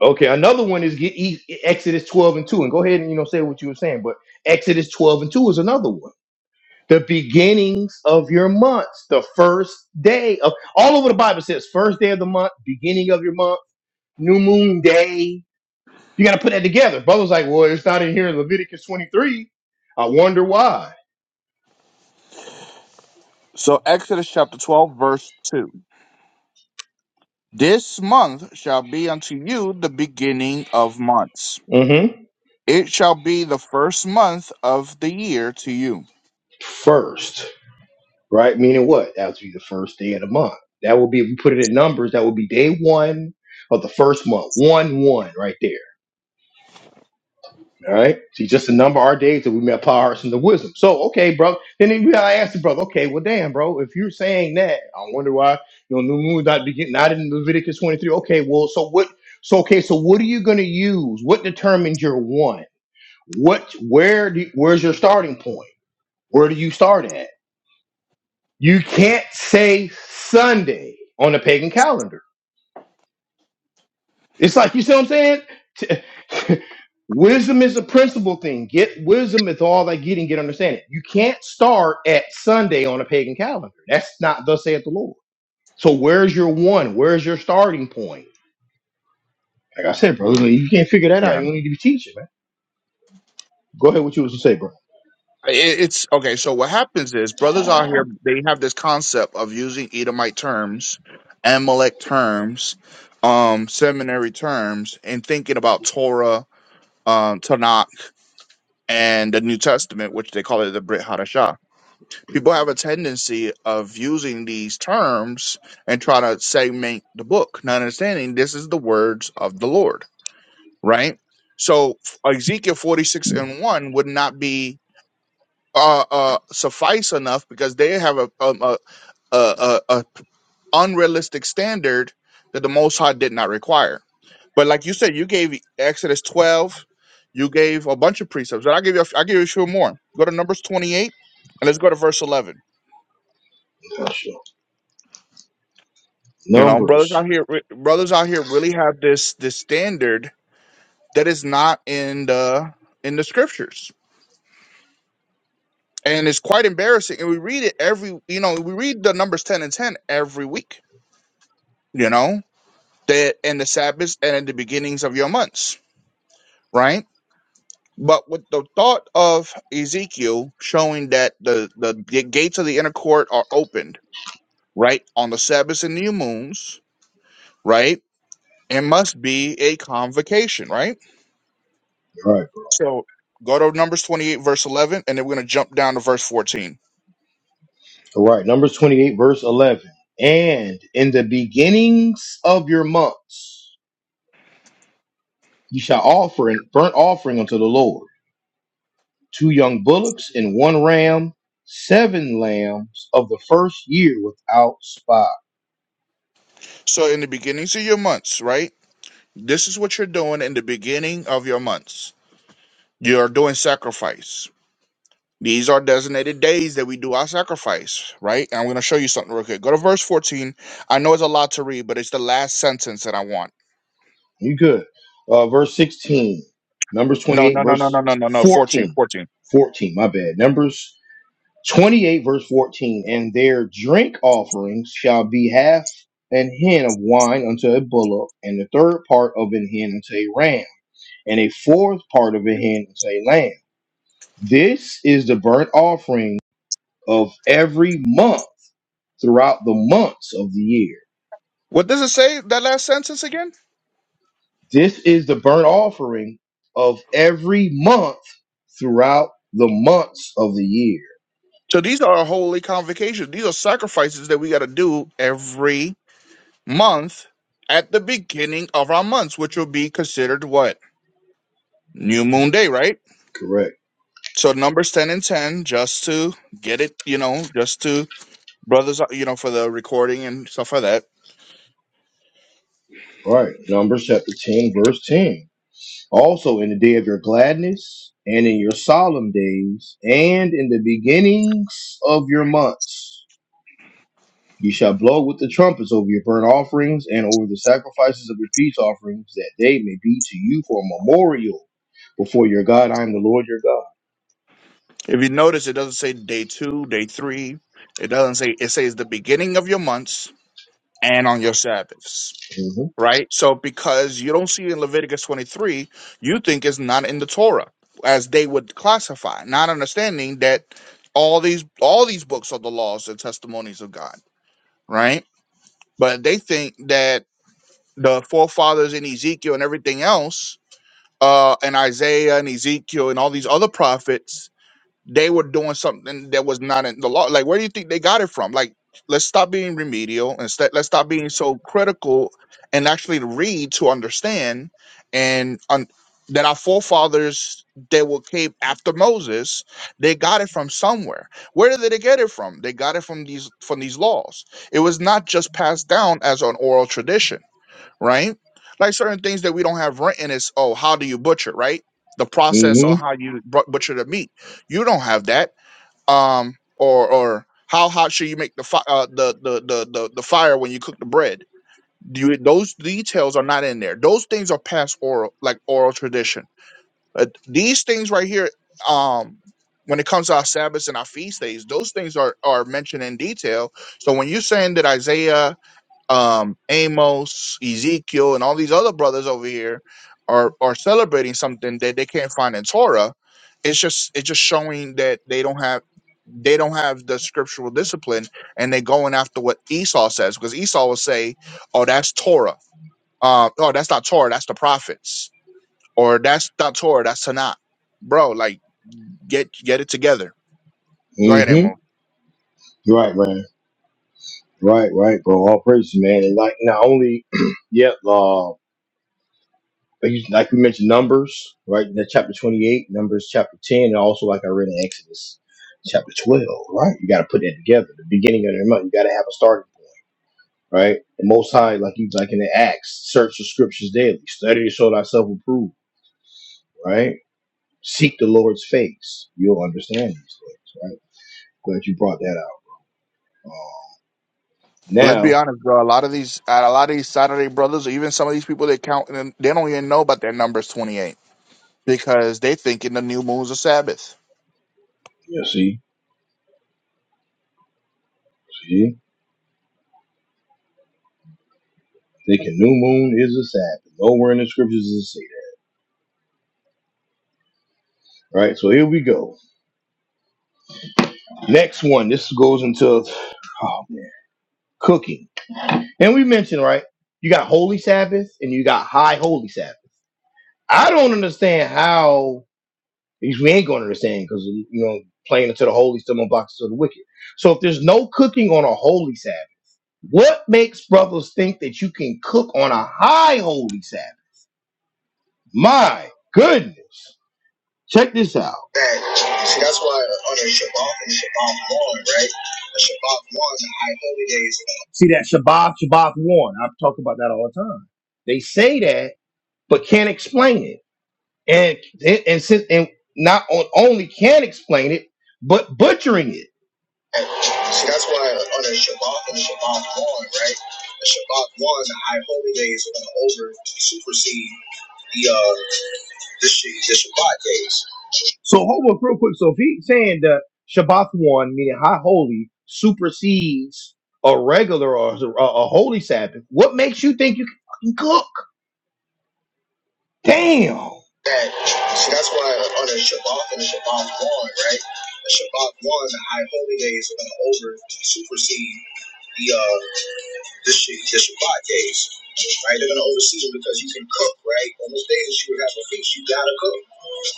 A: Okay, another one is get E- Exodus 12 and 2. And go ahead and you know say what you were saying, but Exodus 12 and 2 is another one. The beginnings of your months, the first day of all over the Bible says first day of the month, beginning of your month, new moon day, You got to put that together. Brother's like, well, it's not in here in Leviticus 23. I wonder why.
C: So Exodus chapter 12, verse 2. This month shall be unto you the beginning of months.
A: Mm-hmm.
C: It shall be the first month of the year to you.
A: First, right? Meaning what? That would be the first day of the month. That would be, if we put it in numbers, that would be day one of the first month. One, one, right there. All right. See, just the number of our days that we may apply our hearts into wisdom. So, okay, bro. Then we gotta ask the brother, okay, well, damn, bro, if you're saying that, I wonder why, you know, new moon not begin, not in Leviticus 23. Okay, well, so what? So, okay, so what are you going to use? What determines your one? what where do where's your starting point where do you start at you can't say sunday on the pagan calendar it's like you see what i'm saying T- wisdom is a principle thing get wisdom is all that getting get understanding you can't start at sunday on a pagan calendar that's not thus saith the lord so where's your one where's your starting point like i said bro you can't figure that out you don't need to be teaching man go ahead, what you was to say bro
C: It- It's okay. So what happens is brothers out here they have this concept of using Edomite terms, Amalek terms, um, seminary terms, and thinking about Torah, um, Tanakh, and the New Testament, which they call it the Brit Hadashah. People have a tendency of using these terms and try to segment the book, not understanding this is the words of the Lord, right? So Ezekiel forty six and one would not be uh, uh, suffice enough because they have a, um, a, a, a, a unrealistic standard that the Most High did not require. But like you said, you gave Exodus twelve, you gave a bunch of precepts, and I give you I give you a few more. Go to Numbers twenty eight, and let's go to verse eleven. You know, brothers
A: numbers
C: out here, re- brothers out here really have this this standard that is not in the in the scriptures, and it's quite embarrassing. And we read it every, you know, we read the Numbers ten and ten every week. You know, the in the Sabbaths and in the beginnings of your months, right? But with the thought of Ezekiel showing that the, the g- gates of the inner court are opened, right, on the Sabbaths and new moons, right, it must be a convocation, right?
A: all right
C: So go to Numbers 28, verse 11, and then we're going to jump down to verse 14.
A: All right, Numbers 28, verse 11. And in the beginnings of your months, ye shall offer an burnt offering unto the Lord two young bullocks and one ram, seven lambs of the first year without spot.
C: So in the beginnings of your months, right, this is what you're doing in the beginning of your months. You're doing sacrifice These are designated days that we do our sacrifice, right? And I'm going to show you something real quick. Go to verse 14. I know it's a lot to read, but it's the last sentence that I want.
A: You good. Uh, verse 16, Numbers
C: No,
A: 28,
C: no, no, no, no,
A: verse
C: no, no, no. 14,
A: 14.
C: 14.
A: 14, my bad. Numbers 28 verse 14 and their drink offerings shall be half an hin of wine unto a bullock and the third part of an hin unto a ram and a fourth part of a hin unto a lamb this is the burnt offering of every month throughout the months of the year
C: What does it say, that last sentence again?
A: this is the burnt offering of every month throughout the months of the year
C: So these are our holy convocations. These are sacrifices that we got to do every month at the beginning of our months, which will be considered what? New moon day, right?
A: correct
C: So numbers 10 and 10, just to get it, you know, just to brothers, uh, you know, for the recording and stuff like that
A: All right numbers chapter 10 verse 10 Also, in the day of your gladness, and in your solemn days, and in the beginnings of your months, ye shall blow with the trumpets over your burnt offerings and over the sacrifices of your peace offerings, that they may be to you for a memorial before your God. I am the Lord your God.
C: If you notice, it doesn't say day two, day three. It doesn't say, it says the beginning of your months and on your Sabbaths, right? So because you don't see it in Leviticus 23, you think it's not in the Torah as they would classify, not understanding that all these, all these books are the laws and testimonies of God, right? But they think that the forefathers in Ezekiel and everything else, uh, and Isaiah and Ezekiel and all these other prophets they were doing something that was not in the law. Like, where do you think they got it from? Like, let's stop being remedial and st- let's stop being so critical and actually read to understand. And un- that our forefathers that were came after Moses, they got it from somewhere. Where did they get it from? They got it from these from these laws. It was not just passed down as an oral tradition right? Like certain things that we don't have written is, oh, how do you butcher, right? The process on
A: hmm
C: how you bu- butcher the meat. You don't have that. Um, or or how hot should you make the fi- uh, the, the the the the fire when you cook the bread? Do you, those details are not in there. Those things are past oral, like oral tradition. Uh, these things right here, um, when it comes to our Sabbaths and our feast days, those things are are mentioned in detail. So when you're saying that Isaiah um, Amos, Ezekiel, and all these other brothers over here are are celebrating something that they can't find in Torah. It's just it's just showing that they don't have they don't have the scriptural discipline, and they're going after what Esau says because Esau will say, "Oh, that's Torah. Uh, oh, that's not Torah. That's the prophets. Or that's not Torah. That's Tanakh." Bro, like get get it together. Go
A: hmm
C: ahead,
A: hmm
C: Amos.
A: Right, right. Right, right, bro. All praise, man. And like not only, yeah, uh, but you- like we mentioned, Numbers, right? In that chapter twenty-eight, Numbers chapter ten, and also like I read in Exodus chapter twelve, right? You got to put that together. The beginning of the month, you got to have a starting point, right? The Most High, like he's like in the Acts, search the Scriptures daily, study to show thyself approved, right? Seek the Lord's face, you'll understand these things, right? Glad you brought that out. Uh,
C: let's be
A: now,
C: honest, bro. A lot of these, a lot of these Saturday brothers, or even some of these people that count, and they don't even know about their numbers twenty eight because they think in the new moon's a Sabbath.
A: you see, see. Thinking new moon is a Sabbath. Nowhere in the scriptures does it say that. Right? So here we go. Next one. This goes into oh man, cooking. And we mentioned, right? You got holy Sabbath and you got high holy Sabbath. I don't understand how because we ain't gonna understand because you know, playing into the holy still unblocks to the wicked. So if there's no cooking on a holy Sabbath, what makes brothers think that you can cook on a high holy Sabbath? My goodness. Check this out. That, see, that's why on a Shabbat and Shabbat one, right? A Shabbat one the high holy days. See that Shabbat, Shabbat one. I talk about that all the time. They say that, but can't explain it, and and and, since- and not on, only can't explain it, but butchering it. That- See, that's why on a Shabbat and Shabbat one, right? The Shabbat one the high holy days, are going to over supersede the uh the, Sh- the Shabbat days. So hold up real quick. So if he's saying that Shabbat one, meaning high holy, supersedes a regular or a, a holy Sabbath, what makes you think you can fucking cook? Damn. That so that's why on the Shabbat and the Shabbat one, right? The Shabbat one, the high holy days are gonna over supersede the uh this shit, this Shabbat days, right? They're gonna oversee it because you can cook, right? On those days you would have a feast, you gotta cook.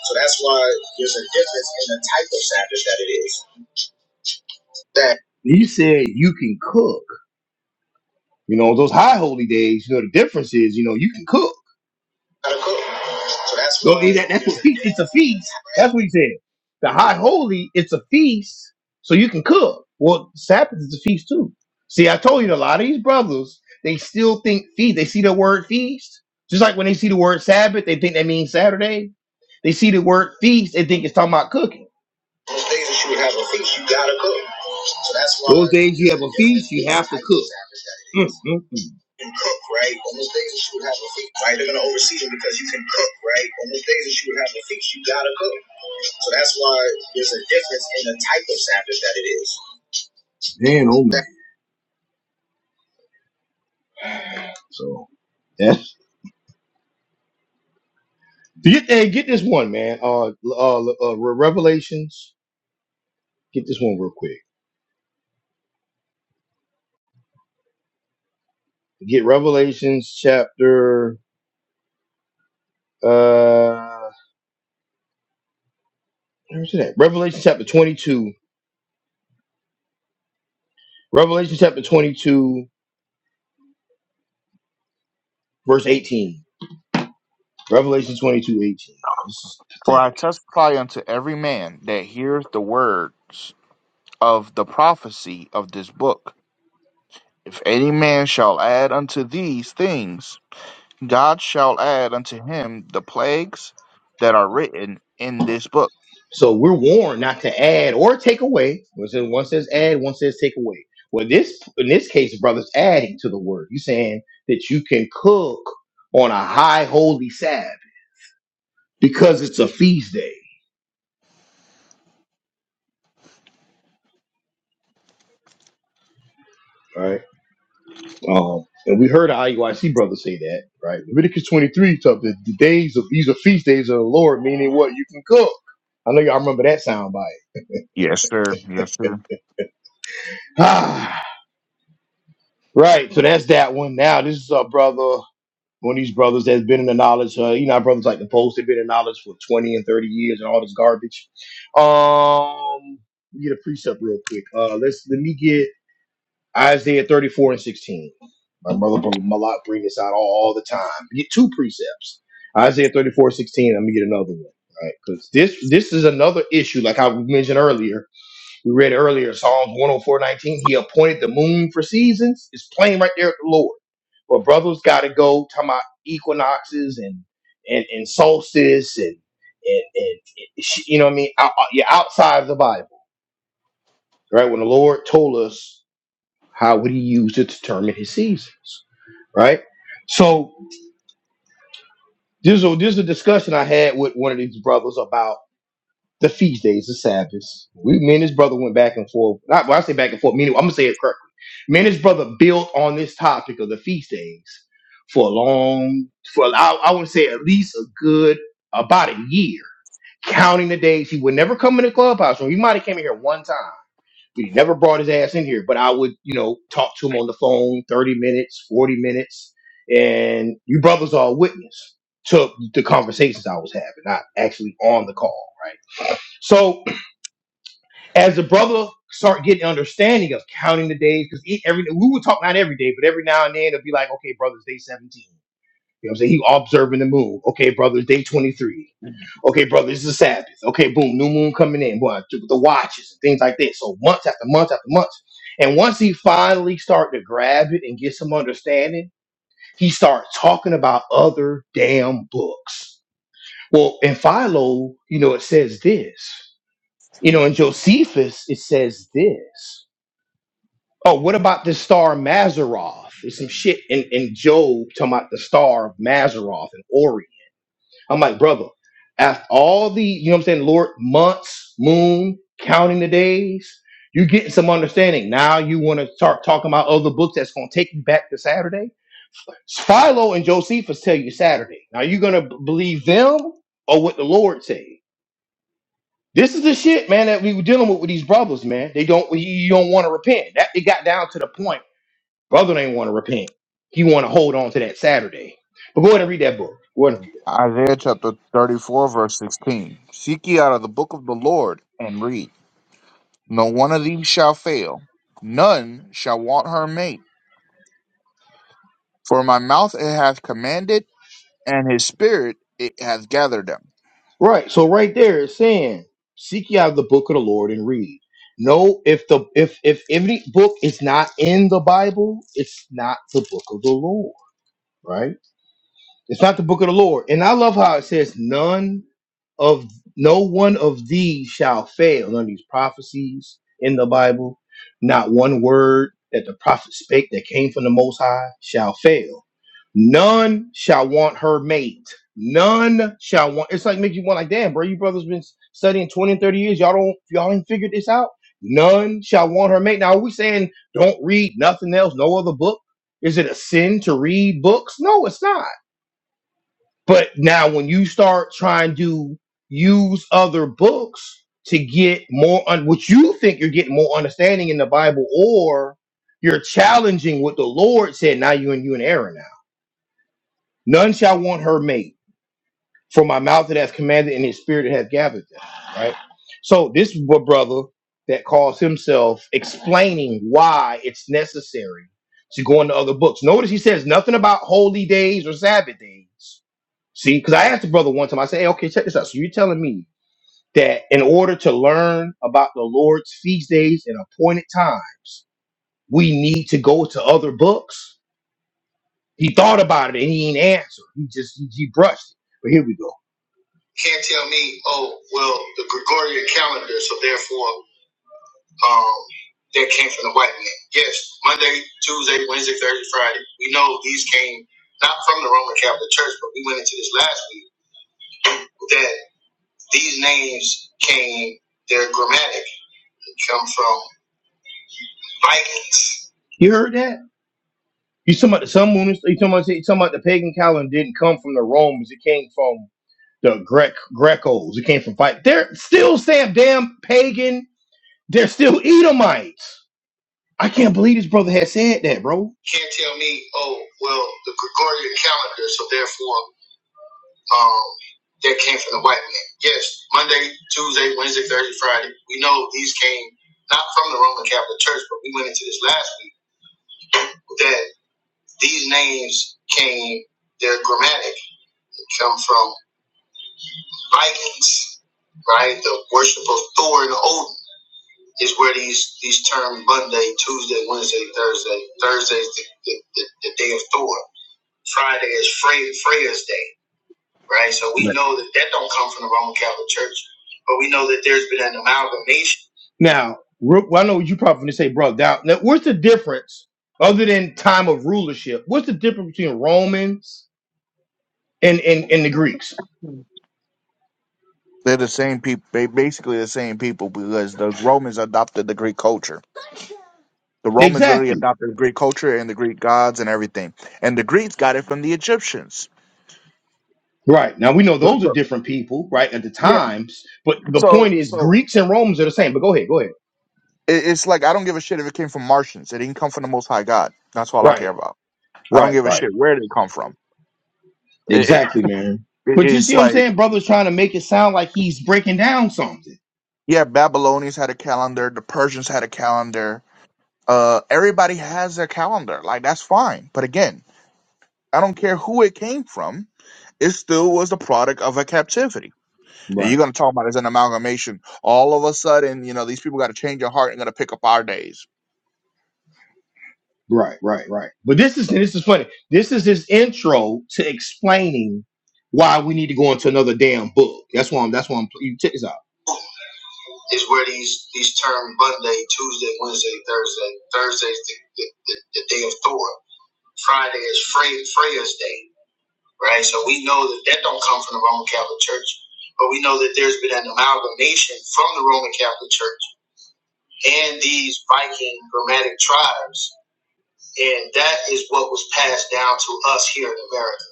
A: So that's why there's a difference in the type of Sabbath that it is. That You said you can cook. You know, those high holy days, you know, the difference is, you know, you can cook. Gotta cook. So that's So why. that- that's what feast. It's a feast. That's what he said. The high holy. It's a feast, so you can cook. Well, Sabbath is a feast too. See, I told you a lot of these brothers they still think feast. They see the word feast, just like when they see the word Sabbath, they think that means Saturday. They see the word feast, they think it's talking about cooking. Those days that you would have a feast, you gotta cook. So that's why those days you have a feast, you have to cook. Mm, mm, mm. You can cook, right? On those days that you would have a feast, right? They're gonna oversee you because you can cook, right? On those days that you would have a feast, you gotta cook. So that's why there's a difference in the type of Sabbath that it is. Man, oh man. So that's get hey, get this one, man. Uh, uh, uh Re- Revelations. Get this one real quick. Get Revelations chapter. uh. Where's it at? Revelation chapter 22. Revelation chapter 22, verse 18. Revelation 22 18. This is
C: For I
A: pathetic.
C: testify unto every man that hears the words of the prophecy of this book. If any man shall add unto these things, God shall add unto him the plagues that are written in this book.
A: So we're warned not to add or take away. One says, one says add, one says take away. Well, this in this case, brother's adding to the word. He's saying that you can cook on a high holy Sabbath because it's a feast day. right? Um, and we heard our IUIC brother say that, right? Leviticus 23, so the, the days of these are feast days of the Lord, meaning what you can cook. I know y'all remember that sound bite.
C: Yes, sir. Yes, sir.
A: Ah, right. So that's that one. Now this is our brother, one of these brothers that's been in the knowledge. Uh, you know, our brothers like the post, they've been in knowledge for 20 and 30 years and all this garbage. Um, let me get a precept real quick. Uh, let's let me get Isaiah 34 and 16. My mother Malak bring this out all, all the time. You Get two precepts. Isaiah 34 and 16. I'm gonna get another one. Right, because this this is another issue, like I mentioned earlier. We read earlier Psalms 104, 19. He appointed the moon for seasons. It's plain right there at the Lord. But brothers gotta go talking about equinoxes and and, and solstice and and, and and sh- you know what I mean? Out, out- yeah, outside of the Bible. Right? When the Lord told us how would he use it to determine his seasons? Right. So there's a there's a discussion I had with one of these brothers about the feast days, the Sabbaths. We me and his brother went back and forth. Not when I say back and forth, meaning I'm gonna say it correctly. Me and his brother built on this topic of the feast days for a long for I, I would say at least a good about a year, counting the days. He would never come in the clubhouse room. He might have came in here one time But he never brought his ass in here. But I would, you know, talk to him on the phone 30 minutes, 40 minutes. And you brothers are a witness to the conversations I was having, not actually on the call, right? So as the brother start getting understanding of counting the days, because every we would talk not every day, but every now and then it'll be like, okay, brothers, day 17. You know what I'm saying? He observing the moon. Okay, brother, day 23. Okay, brother, it's the Sabbath. Okay, boom, new moon coming in. Boy, th- the watches and things like that. So month after month after month. And once he finally start to grab it and get some understanding, he starts talking about other damn books. Well, in Philo, you know, it says this. You know, in Josephus, it says this. Oh, what about this star Mazzaroth? There's some shit in, in Job talking about the star of Mazzaroth and Orion. I'm like, brother, after all the, you know what I'm saying, Lord, months, moon, counting the days, you getting some understanding. Now you want to start talking about other books that's going to take you back to Saturday? Philo and Josephus tell you Saturday. Now you going to believe them or what the Lord say? This is the shit, man, that we were dealing with with these brothers, man. They don't, you you don't want to repent. That it got down to the point, brother, they want to repent. He want to hold on to that Saturday. But go ahead and read that book. Go ahead and read it.
C: Isaiah chapter 34, verse 16. Seek ye out of the book of the Lord and read. No one of these shall fail, none shall want her mate. For my mouth it hath commanded, and his spirit it hath gathered them.
A: Right. So right there it's saying, seek ye out the book of the Lord and read. No, if the if if any book is not in the Bible, it's not the book of the Lord, right? It's not the book of the Lord. And I love how it says, none of no one of these shall fail. None of these prophecies in the Bible, not one word that the prophet spake that came from the Most High shall fail. None shall want her mate. None shall want. It's like make you want like, damn, bro, you brothers been studying 20 and 30 years. Y'all don't, y'all ain't figured this out. None shall want her mate. Now, are we saying don't read nothing else, no other book? Is it a sin to read books? No, it's not. But now when you start trying to use other books to get more on what you think you're getting more understanding in the Bible, or you're challenging what the Lord said, now you and you and Aaron now. None shall want her mate, for my mouth that has commanded and his spirit that hath gathered them. Right? So this is what brother that calls himself explaining why it's necessary to go into other books. Notice he says nothing about holy days or Sabbath days See, because I asked the brother one time, I said, hey, okay, check this out. So you're telling me that in order to learn about the Lord's feast days and appointed times, we need to go to other books? He thought about it and he ain't answered. He just, he, he brushed it. But here we go. Can't tell me, oh, well, the Gregorian calendar, so therefore, um, that came from the white man. Yes, Monday, Tuesday, Wednesday, Thursday, Friday. We know these came not from the Roman Catholic Church, but we went into this last week that These names came, they're grammatic. They come from Vikings. You heard that? You talking about the sun moon? You talking about, you talking about the pagan calendar didn't come from the Romans? It came from the Grec Grecos. It came from fight. They're still Sam damn pagan. They're still Edomites. I can't believe this brother has said that, bro. Can't tell me. Oh well, the Gregorian calendar. So therefore, um, that came from the white man. Yes, Monday, Tuesday, Wednesday, Thursday, Friday. We know these came not from the Roman Catholic Church, but we went into this last week that these names came, they're grammatic, they come from Vikings, right? The worship of Thor and Odin is where these these terms Monday, Tuesday, Wednesday, Thursday. Thursday is the, the, the, the day of Thor. Friday is Frey, Freya's day. right? So we
C: Yeah.
A: know that that don't come from the Roman Catholic Church, but we know that there's been an amalgamation. Now, Ru- well, I know you probably going to say, bro, now, now, what's the difference other than time of rulership? What's the difference between Romans and, and, and the Greeks?
C: They're the same people. They basically the same people because the Romans adopted the Greek culture. The Romans literally
A: Exactly.
C: adopted the Greek culture and the Greek gods and everything. And the Greeks got it from the Egyptians.
A: Right. Now, we know those are
C: So,
A: different people, right, at the
C: yeah.
A: times, but the
C: so,
A: point is
C: so
A: Greeks and Romans are the same. But go ahead, go ahead.
C: It, it's like I don't give a shit if it came from Martians. It didn't come from the Most High God. That's all I care
A: Right,
C: about. I don't
A: right,
C: give a
A: right.
C: shit where did it come from. It, it-
A: Exactly, man. But you
C: it's
A: see what I'm
C: like
A: saying? Brother's trying to make it sound like he's breaking down something.
C: yeah, Babylonians had a calendar. The Persians had a calendar. Uh, everybody has their calendar. Like that's fine. But again, I don't care who it came from. It still was the product of a captivity. And
A: Right.
C: you're gonna talk about it as an amalgamation. All of a sudden, you know, these people got to change their heart and gonna pick up our days.
A: Right, right, right. But this is this is funny. This is his intro to explaining why we need to go into another damn book. That's why I'm. That's why I'm. You check this out. Is where these these terms Monday, Tuesday, Wednesday, Thursday. Thursday's the, the, the, the day of Thor. Friday is Frey, Freya's day, right? So we know that that don't come from the Roman Catholic Church, but we know that there's been an amalgamation from the Roman Catholic Church and these Viking nomadic tribes and that is what was passed down to us here in America,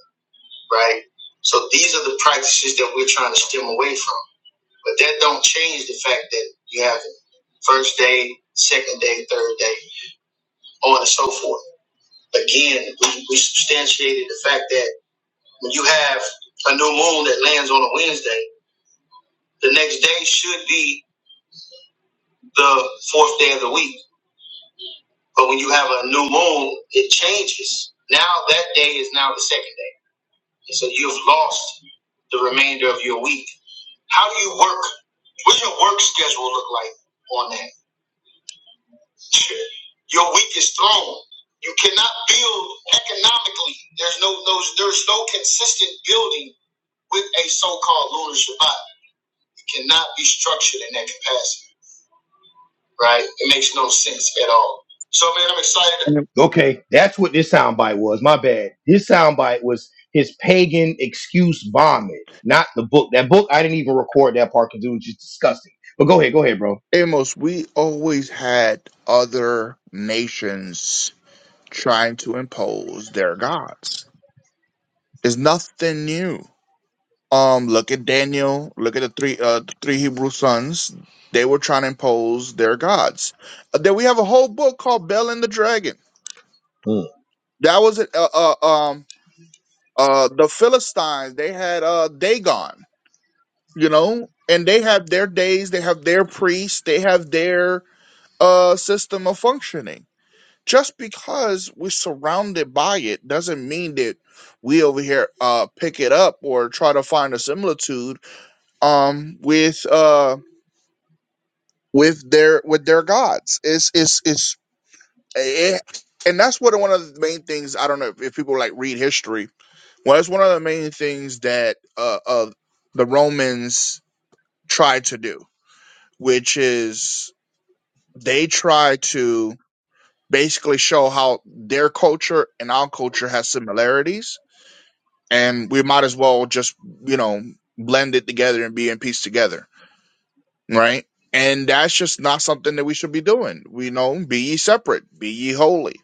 A: right? So these are the practices that we're trying to stem away from. But that don't change the fact that you have first day, second day, third day, so on and so forth. Again, we, we substantiated the fact that when you have a new moon that lands on a Wednesday, the next day should be the fourth day of the week. But when you have a new moon, it changes. Now that day is now the second day. He said, You've lost the remainder of your week. How do you work? What's your work schedule look like on that? Your week is thrown. You cannot build economically. There's no, no there's no consistent building with a so-called lunar Shabbat. It cannot be structured in that capacity. right? It makes no sense at all. So, man, I'm excited. Okay, that's what this soundbite was. My bad. This soundbite was his pagan excuse vomit, not the book. That book, I didn't even record that part because it was just disgusting. But go ahead, go ahead, bro.
C: Amos, we always had other nations trying to impose their gods. It's nothing new. Um, look at Daniel. Look at the three uh the three Hebrew sons. They were trying to impose their gods. Uh, then we have a whole book called Bel and the Dragon.
A: Mm,
C: That was it. Uh, uh, um, uh, the Philistines. They had uh Dagon. You know, and they have their days. They have their priests. They have their uh system of functioning just because we're surrounded by it doesn't mean that we over here uh pick it up or try to find a similitude um with uh with their with their gods it's it's it's eh, and that's what one of the main things i don't know if people like read history well it's one of the main things that uh, uh the romans tried to do which is they try to basically show how their culture and our culture has similarities and we might as well just you know blend it together and be in peace together right and that's just not something that we should be doing we know be ye separate be ye holy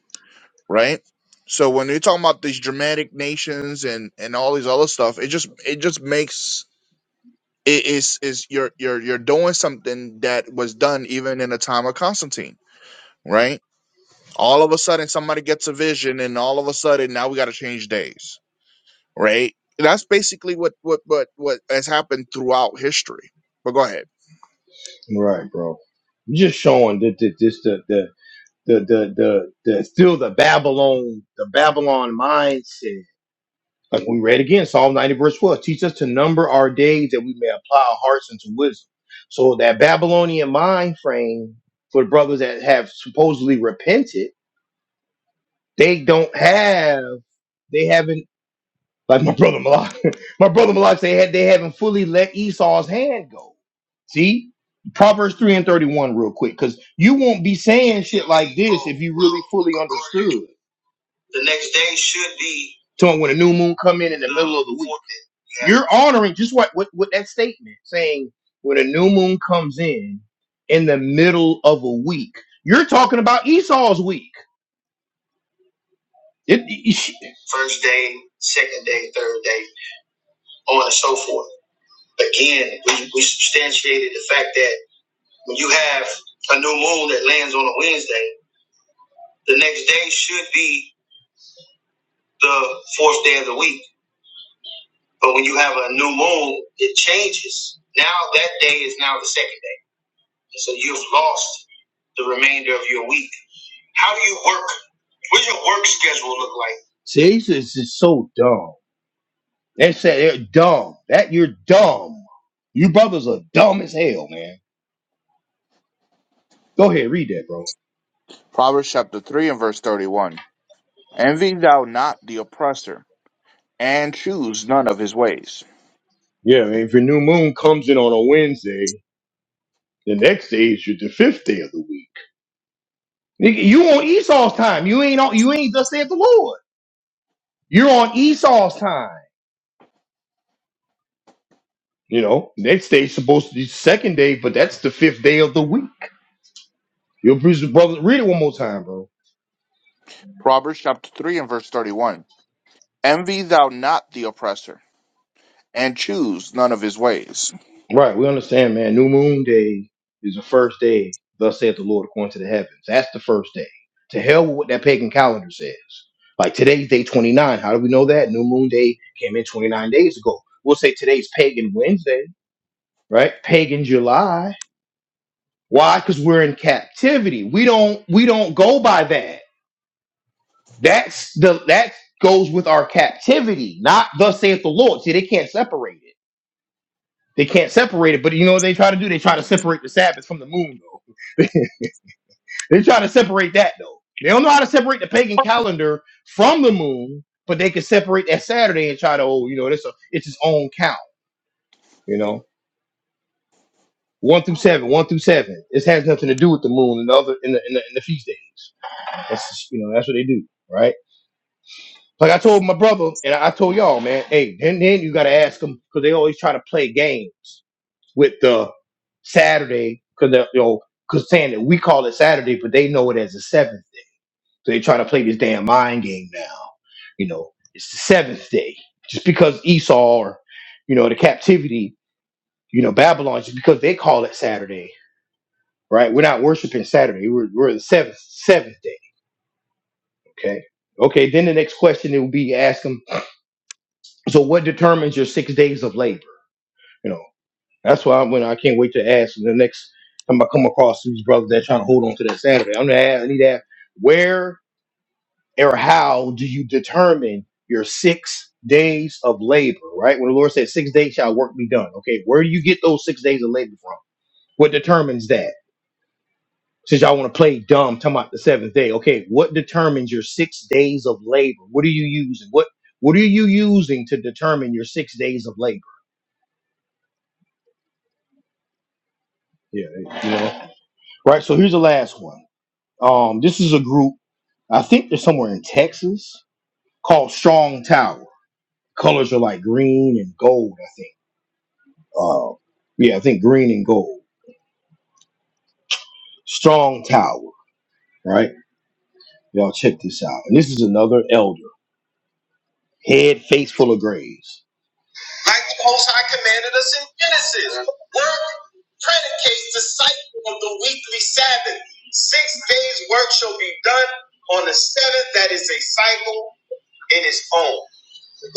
C: right so when you're talking about these dramatic nations and and all these other stuff it just it just makes it is is you're you're you're doing something that was done even in the time of constantine right all of a sudden somebody gets a vision and all of a sudden now we got to change days right? That's basically what what what what has happened throughout history. But go ahead.
A: right, bro. I'm just showing that the, this the the the the the the still the Babylon the Babylon mindset Like we read again, Psalm 90, verse twelve, teach us to number our days that we may apply our hearts unto wisdom. So that Babylonian mind frame for the brothers that have supposedly repented, they don't have, they haven't, like my brother Malak, my brother Malak they had they haven't fully let Esau's hand go. See? Proverbs 3 and 31, real quick, because you won't be saying shit like this if you really fully understood. The next day should be. So when a new moon come in in the middle of the week. You're honoring just what, what what that statement saying when a new moon comes in in the middle of a week. You're talking about Esau's week. It, it- First day, second day, third day, on and so forth. Again, we, we substantiated the fact that when you have a new moon that lands on a Wednesday, the next day should be the fourth day of the week. But when you have a new moon, it changes. Now that day is now the second. So you've lost the remainder of your week. How do you work? What's your work schedule look like? See, this is is so dumb. That's that they're dumb. That you're dumb. You brothers are dumb as hell, man. Go ahead, read that, bro.
C: Proverbs chapter 3 and verse 31. Envy thou not the oppressor, and choose none of his ways.
A: Yeah, man. If your new moon comes in on a Wednesday, the next day is your the fifth day of the week. Nigga, you on Esau's time. You ain't on. You ain't just said the Lord. You're on Esau's time. You know, next day's supposed to be the second day, but that's the fifth day of the week. Your preacher brother, read it one more time, bro.
C: Proverbs chapter 3 and verse 31. Envy thou not the oppressor, and choose none of his ways.
A: Right, we understand, man. New moon day is the first day, thus saith the Lord according to the heavens. That's the first day. To hell with what that pagan calendar says. Like today's day 29. How do we know that? New moon day came in 29 days ago. We'll say today's pagan Wednesday, right? Pagan July. Why? Because we're in captivity. We don't we don't go by that. That's the that goes with our captivity, not thus saith the Lord. See, they can't separate it They can't separate it, but you know what they try to do? They try to separate the Sabbath from the moon, though. they try to separate that, though. They don't know how to separate the pagan calendar from the moon, but they can separate that Saturday and try to, oh, you know, it's a, it's its own count, you know. One through seven, one through seven. This has nothing to do with the moon and the other in the in the, in the feast days. That's just, you know that's what they do, right? Like I told my brother and I I told y'all, man. Hey, then then you gotta ask them because they always try to play games with the Saturday because they're, you know, because saying that we call it Saturday, but they know it as the seventh day. So they try to play this damn mind game now. You know, it's the seventh day just because Esau or you know the captivity, you know Babylon, just because they call it Saturday, right? We're not worshiping Saturday. We're we're the seventh seventh day. Okay. Okay. Then the next question it will be ask them. So what determines your six days of labor? You know. That's why when I can't wait to ask the next time I come across these brothers that trying to hold on to that Saturday. I'm gonna ask, I need to ask, where or how do you determine your six days of labor? Right when the Lord said six days shall work be done. Okay, where do you get those six days of labor from? What determines that? Since y'all want to play dumb, talking about the seventh day. Okay, what determines your six days of labor? What are you using? What what are you using to determine your six days of labor? Yeah, you know. Right. So here's the last one. Um, this is a group, I think they're somewhere in Texas, called Strong Tower. Colors are like green and gold, I think. Uh, yeah, I think green and gold. Strong Tower, right? Y'all check this out. And this is another elder, head face full of graves. Like the Most High commanded us in Genesis, work predicates the cycle of the weekly Sabbath. Six days' work shall be done on the seventh. That is a cycle in its own.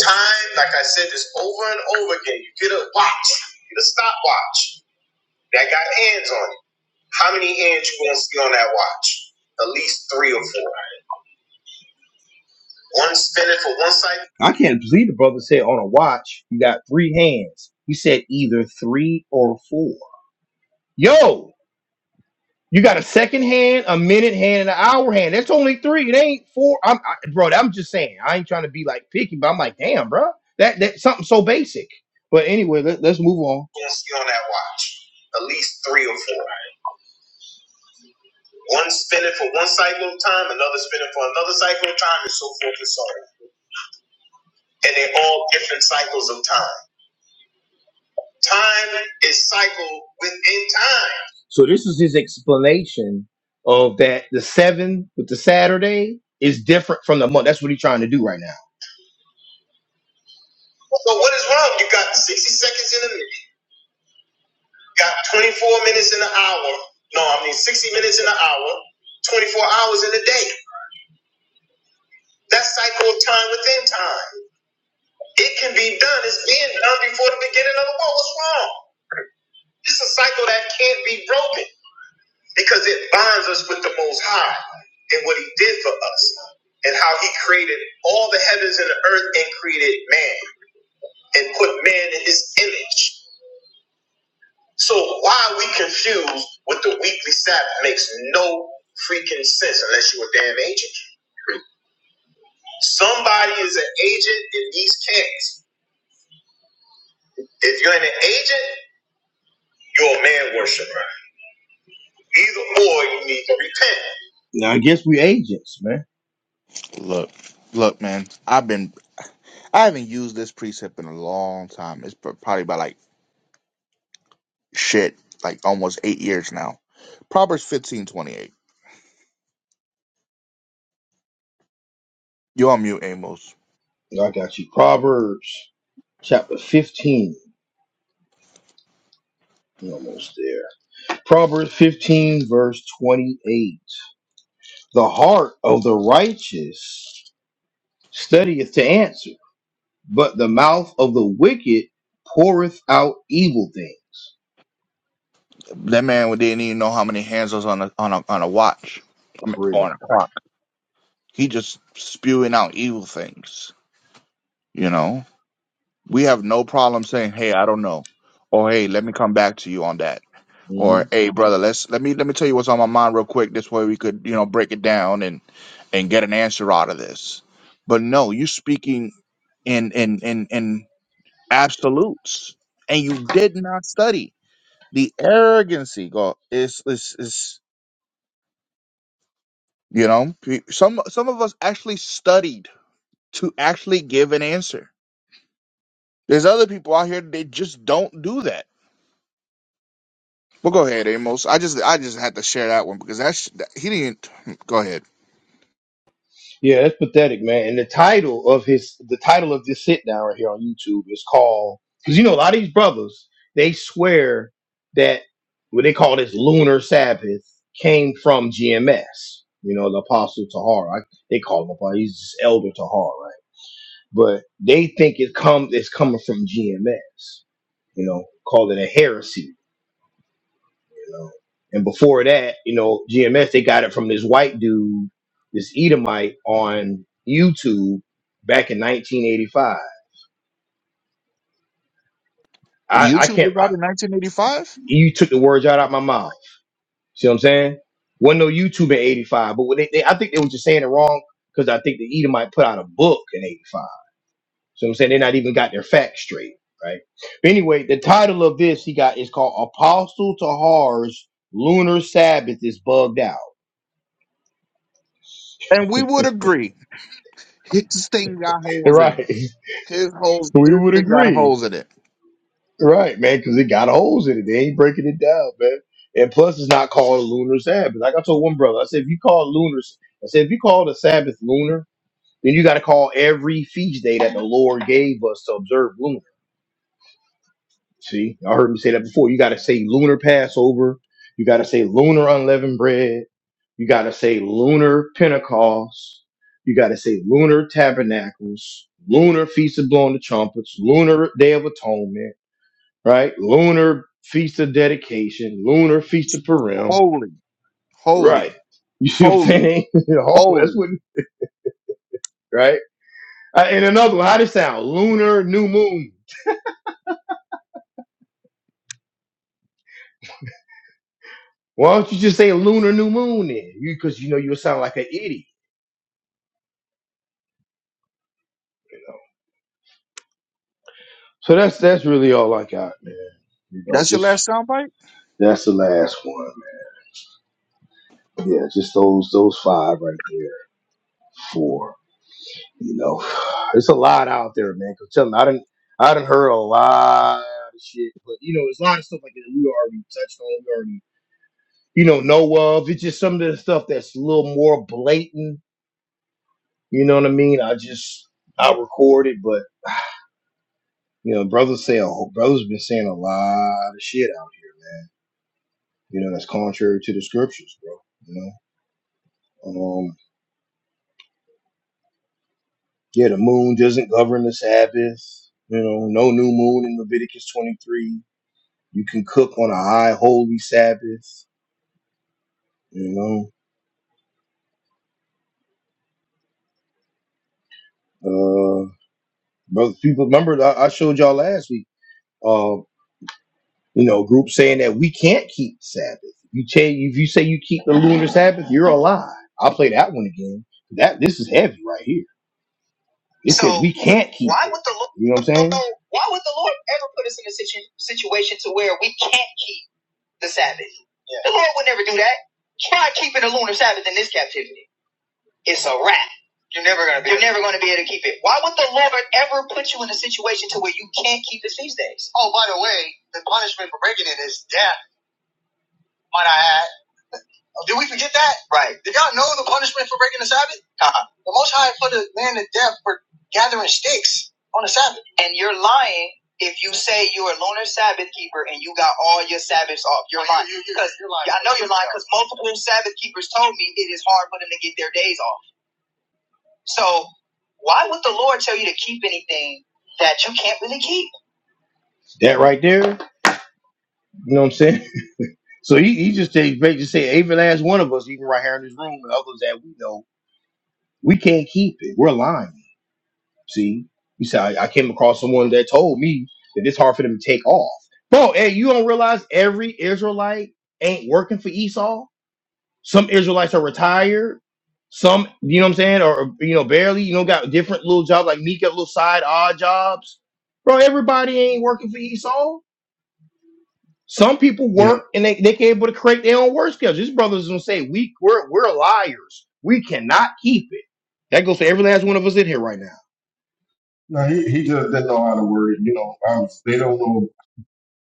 A: Time, like I said this over and over again, you get a watch, you get a stopwatch that got hands on it. How many hands you gonna see on that watch? At least three or four. One spinning for one cycle. I can't believe the brother said on a watch you got three hands. He said either three or four. Yo, You got a second hand, a minute hand, and an hour hand. That's only three. It ain't four. I'm I, bro. I'm just saying. I ain't trying to be like picky, but I'm like, damn, bro. That that something so basic. But anyway, let, let's move on. Gonna see on that watch. At least three or four. One spinning for one cycle of time, another spinning for another cycle of time, and so forth and so on. And they're all different cycles of time. Time is cycle within time. So this is his explanation of that the seven with the Saturday is different from the month. That's what he's trying to do right now. So what is wrong? You got 60 seconds in a minute, you got 24 minutes in an hour. No, I mean 60 minutes in an hour, 24 hours in a day. That cycle of time within time. It can be done. It's being done before the beginning of the world. What's wrong? It's a cycle that can't be broken. because it binds us with the Most High and what He did for us and how He created all the heavens and the earth and created man and put man in His image. So why are we confused with the weekly Sabbath? Makes no freaking sense unless you're a damn agent. Somebody is an agent in these camps. If you're an agent, you're a man worshiper. Either or, you need to repent. Now I guess we agents, man.
C: Look, look, man, I've been, I haven't used this precept in a long time. It's pr- probably about like shit, like almost eight years now. Proverbs 15 28. You're on mute, Amos.
A: I got you. Proverbs chapter 15. You're almost there. Proverbs 15, verse 28. The heart of the righteous studieth to answer, but the mouth of the wicked poureth out evil things.
C: That man didn't even know how many hands was on a on a on a watch. I mean,
A: For real.
C: on a clock. He just spewing out evil things. You know, we have no problem saying, "Hey, I don't know," or "Hey, let me come back to you on that,"
A: Mm-hmm.
C: or "Hey, brother, let's let me let me tell you what's on my mind real quick. This way we could you know break it down and and get an answer out of this." But no, you speaking in in in in absolutes, and you did not study. The arrogancy, God, is is is. You know, Pe- some some of us actually studied to actually give an answer. There's other people out here they just don't do that. But go ahead, Amos. I just I just had to share that one because that's that, he didn't. Go ahead.
A: Yeah, that's pathetic, man. And the title of his, the title of this sit down right here on YouTube is called, because you know, a lot of these brothers, they swear that what they call this lunar Sabbath came from GMS, you know, the Apostle Tahar. I, they call him, Apostle. he's just Elder Tahar, right? But they think it comes, it's coming from GMS, you know, call it a heresy you know. And before that, you know, GMS, they got it from this white dude, this Edomite on YouTube back in 1985. I, I
C: YouTube
A: can't,
C: was
A: I,
C: out in 1985,
A: you took the words right out of my mouth. See what I'm saying? Wasn't no YouTube in 85, but what they, they, I think they were just saying it wrong because I think the Edomite put out a book in 85. So I'm saying they not even got their facts straight, right? But anyway, the title of this he got is called Apostle Tahar's Lunar Sabbath is Bugged Out.
C: and we would agree his thing got holes in
A: Right.
C: it. His holes,
A: We
C: his
A: would
C: thing got
A: agree
C: holes in it.
A: Right, man, because it got holes in it. They ain't breaking it down, man. And plus, it's not called a lunar Sabbath. Like I told one brother, I said, if you call lunar, I said, if you call the Sabbath lunar, then you got to call every feast day that the Lord gave us to observe lunar. See, y'all heard me say that before. You got to say lunar Passover. You got to say lunar unleavened bread. You got to say lunar Pentecost. You got to say lunar tabernacles, lunar feast of blowing the trumpets, lunar day of atonement right? Lunar feast of dedication, lunar feast of Purim,
C: Holy,
A: right?
C: holy,
A: You see what I'm
C: holy,
A: saying? oh, that's
C: holy.
A: what, right? Uh, and another one, how does it sound? Lunar new moon. Why don't you just say lunar new moon then? Because you, 'cause you know you sound like an idiot. So that's that's really all I got, man. You know,
C: That's your
A: just
C: last soundbite.
A: that's the last one, man. Yeah, just those those five right there. Four. You know, it's a lot out there, man. Cause tell me, I didn't, I didn't heard a lot of shit, but you know, there's a lot of stuff like that we already touched on, we already, you know, know of. It's just some of the stuff that's a little more blatant. You know what I mean? I just, I record it, but you know, brothers say, oh, brothers been saying a lot of shit out. You know, that's contrary to the scriptures, bro. You know, um, yeah, the moon doesn't govern the Sabbath. You know, no new moon in Leviticus 23. You can cook on a high holy Sabbath. You know, uh, brother, people remember I I showed y'all last week. Uh, you know, group saying that we can't keep Sabbath. If you say if you say you keep the lunar Sabbath, you're a lie. I'll play that one again. That this is heavy right here. It says So, we can't keep. Why it. would the Lord? You know what I'm saying? Why would the Lord ever put us in a situ- situation to where we can't keep the Sabbath? Yeah. The Lord would never do that. Try keeping the lunar Sabbath in this captivity. It's a wrap. You're never gonna be. You're never gonna be able to keep it. Why would the Lord ever put you in a situation to where you can't keep his feast days? Oh, by the way, the punishment for breaking it is death. Might I add? Oh, Did we forget that? Right. Did y'all know the punishment for breaking the Sabbath? Uh-huh. The Most High put a man to death for gathering sticks on the Sabbath. And you're lying. If you say you're a loner Sabbath keeper and you got all your Sabbaths off, you're oh, lying. Because I know you're lying because multiple Sabbath keepers told me it is hard for them to get their days off. So why would the Lord tell you to keep anything that you can't really keep? That right there, you know what I'm saying? So he, he just said, basically just say every last one of us, even right here in this room and others that we know, we can't keep it. We're lying. See, you said I, I came across someone that told me that it's hard for them to take off. Bro, hey, you don't realize every Israelite ain't working for Esau? Some Israelites are retired. Some, you know what I'm saying, or or, you know, barely. You know, got different little jobs like me, got little side odd jobs. Bro, everybody ain't working for Esau. Some people
B: Yeah,
A: work and they they can able to create their own work schedules. These brothers gonna say we we're we're liars. We cannot keep it. That goes to every last one of us in here right now.
B: no, he, he just didn't know how to word it. You know, I was, they don't know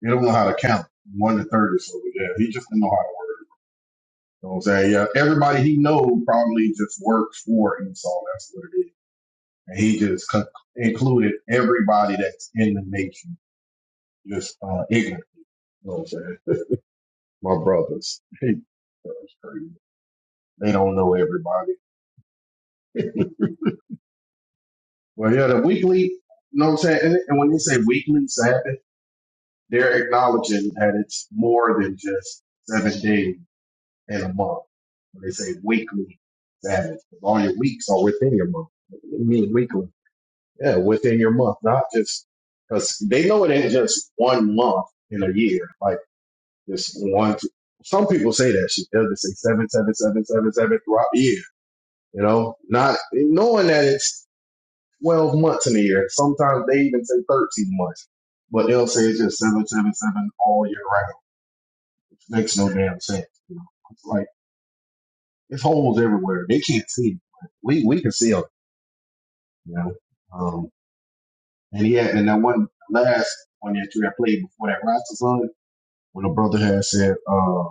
B: they don't know how to count one to thirty. So yeah, he just didn't know how to. You know what I'm saying? Yeah, everybody he know probably just works for Esau. That's what it is. And he just co- included everybody that's in the nation, just uh, ignorant. You know what I'm saying? My brothers. that's crazy. They don't know everybody. Well, yeah, the weekly, you know what I'm saying? And, and when they say weekly Sabbath, they're acknowledging that it's more than just seven days in a month. When they say weekly Sabbath, 'cause all your weeks are within your month. What do you mean weekly? Yeah, within your month, not just because they know it ain't just one month in a year. Like this one, some people say that shit. They'll just say seven, seven, seven, seven, seven throughout the year. You know, not knowing that it's twelve months in a year. Sometimes they even say thirteen months, but they'll say it's just seven, seven, seven all year round. Makes no damn sense. You know, it's like it's holes everywhere. They can't see. It. But We we can see them. You know. um, And he had, and that one last one that you had played before that roster song, when the brother had said, uh,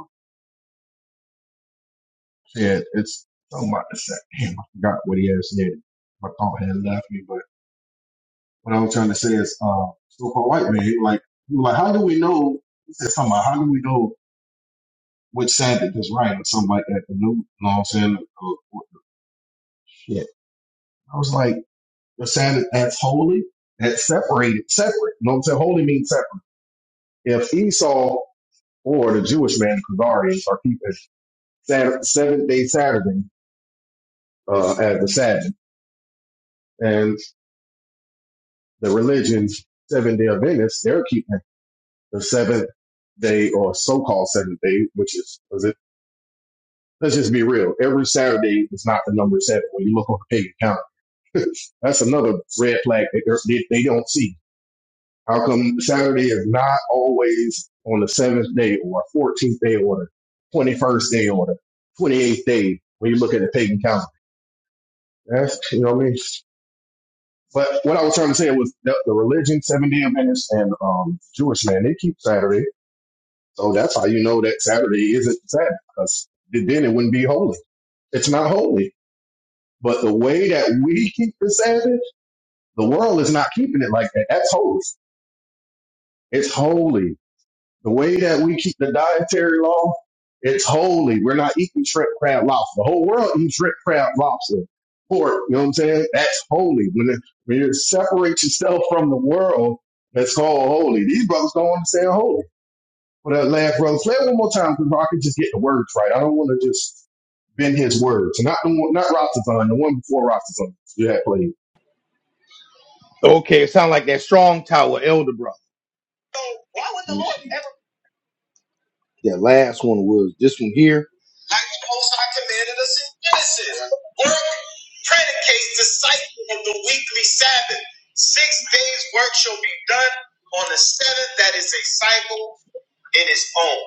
B: said it's something about the sack. Damn, I forgot what he had said. My thought had left me, but what I was trying to say is, uh, so-called white man, he was like, he was like, how do we know? He said something about, how do we know which Sabbath is right or something like that? You know, what I'm saying? Or, what the shit. I was like, the Sabbath that's holy, that's separated, separate. You know what I'm saying? Holy means separate. If Esau or the Jewish man, Khazarians, are keeping Saturday, seventh day Saturday uh, as the Sabbath, and the religions seven day Adventists they're keeping the seventh day or so called seventh day, which is was it. Let's just be real. Every Saturday is not the number seven when you look on the pagan calendar. That's another red flag that they they, they don't see. How come Saturday is not always on the seventh day or 14th day or the 21st day or the 28th day when you look at the pagan calendar? That's, you know what I mean? But what I was trying to say was the, the religion, Seventh Day Adventist, and um, Jewish man, they keep Saturday, so that's how you know that Saturday isn't Sabbath, because then it wouldn't be holy. It's not holy. But the way that we keep the Sabbath, the world is not keeping it like that. That's holy. It's holy. The way that we keep the dietary law, it's holy. We're not eating shrimp, crab, lobster. The whole world eats shrimp, crab, lobster, pork. You know what I'm saying? That's holy. When, it, when you separate yourself from the world, that's called holy. These brothers don't understand holy. But that last brother, play it one more time because I can just get the words right. I don't want to just bend his words. Not the one, not Rastafan, the one before Rastafan you had played.
A: Okay, it sounds like that strong tower elder brother. That last one was this one here. Like the most I commanded us in Genesis. Work predicates the cycle of the weekly Sabbath. Six days work shall be done on the seventh. That is a cycle in its own.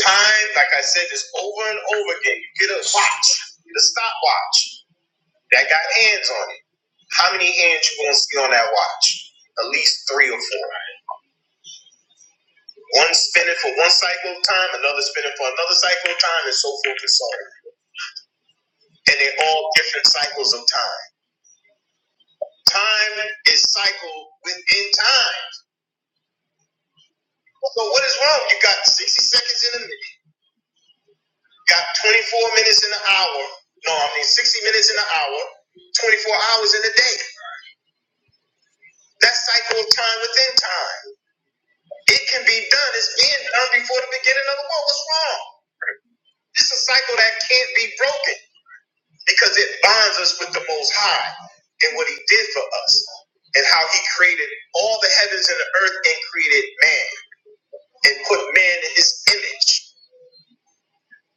A: Time, like I said, is over and over again. You get a watch, you get a stopwatch that got hands on it. How many hands you gonna see on that watch? At least three or four. One spinning for one cycle of time, another spinning for another cycle of time, and so forth and so on. And they're all different cycles of time. Time is cycle within time. So what is wrong? You got 60 seconds in a minute, you got 24 minutes in an hour. No, I mean 60 minutes in an hour, 24 hours in a day. That cycle of time within time. It can be done. It's being done before the beginning of the world. What's wrong? This is a cycle that can't be broken. because it binds us with the Most High and what He did for us and how He created all the heavens and the earth and created man and put man in His image.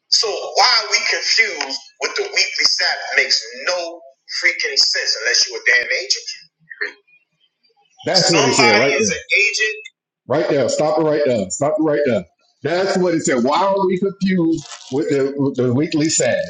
A: So why are we confused with the weekly Sabbath? Makes no freaking sense unless you're a damn agent.
B: That's what he said
A: Somebody
B: right there.
A: is an
B: Right there. Stop it right there. Stop it right there. That's what it said. Why are we confused with the, with the weekly Sabbath?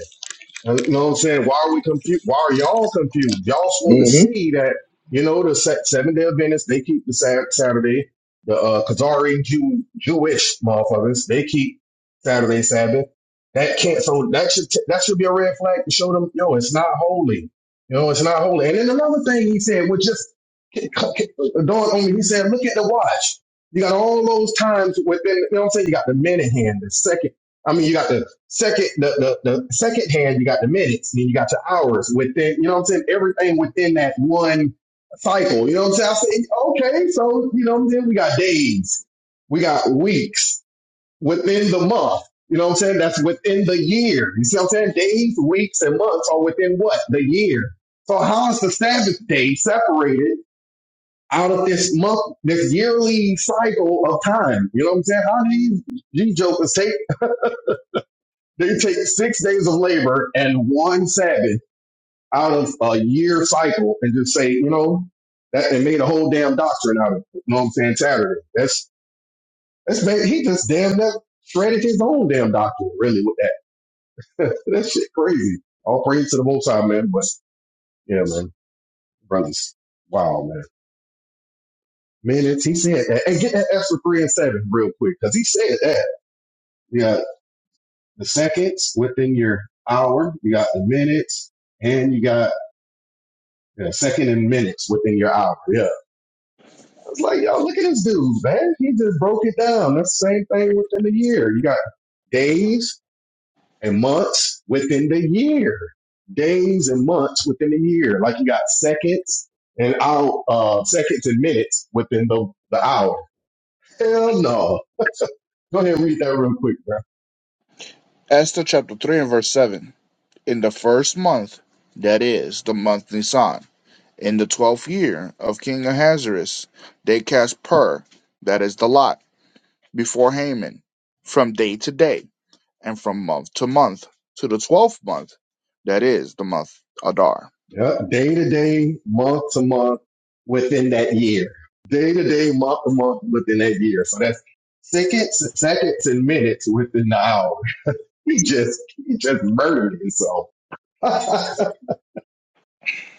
B: Uh, You know what I'm saying? Why are we confused? Why are y'all confused? Y'all supposed to
A: agent. hmm
B: see that, you know, the se- seven day Adventists, they keep the Sat- Saturday. The uh, Khazari Jew, Jewish motherfuckers, they keep Saturday Sabbath. That can't, so that should, t- that should be a red flag to show them, yo, it's not holy. You know, it's not holy. And then another thing he said, which just c- c- dawned on me, he said, look at the watch. You got all those times within, you know what I'm saying? You got the minute hand, the second. I mean, you got the Second, the, the, the second hand, you got the minutes, then you got your hours within, you know what I'm saying? Everything within that one cycle, you know what I'm saying? I say, okay, so, you know, then we got days, we got weeks within the month, you know what I'm saying? That's within the year. You see what I'm saying? Days, weeks, and months are within what? The year. So how is the Sabbath day separated out of this month, this yearly cycle of time? You know what I'm saying? How do these G jokers take they take six days of labor and one Sabbath out of a year cycle and just say, you know, that and made a whole damn doctrine out of it. You know what I'm saying? Saturday. That's that's ba- he just damn that shredded his own damn doctrine really with that. that shit crazy. All praise to the Most High, man. But yeah, man, brothers, wow, man. Man, it's, he said that. And get that extra three and seven real quick because he said that. You got the seconds within your hour, you got the minutes, and you got Yeah, second in minutes within your hour. Yeah. It's like, yo, look at this dude, man. He just broke it down. That's the same thing within a year. You got days and months within the year. Days and months within a year. Like you got seconds and out uh seconds and minutes within the, the hour. Hell no. Go ahead and read that real quick.
C: Esther chapter three and verse seven. In the first month, that is the month Nisan In the twelfth year of King Ahasuerus, they cast pur, that is the lot, before Haman, from day to day, and from month to month, to the twelfth month, that is the month Adar.
B: Yeah, day to day, month to month, within that year. Day to day, month to month, within that year. So that's seconds, seconds, and minutes within the hour. He just, he just murdered himself.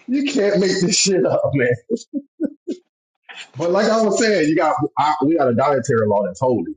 B: you can't make this shit up, man. But like I was saying, you got I, we got a dietary law that's holy.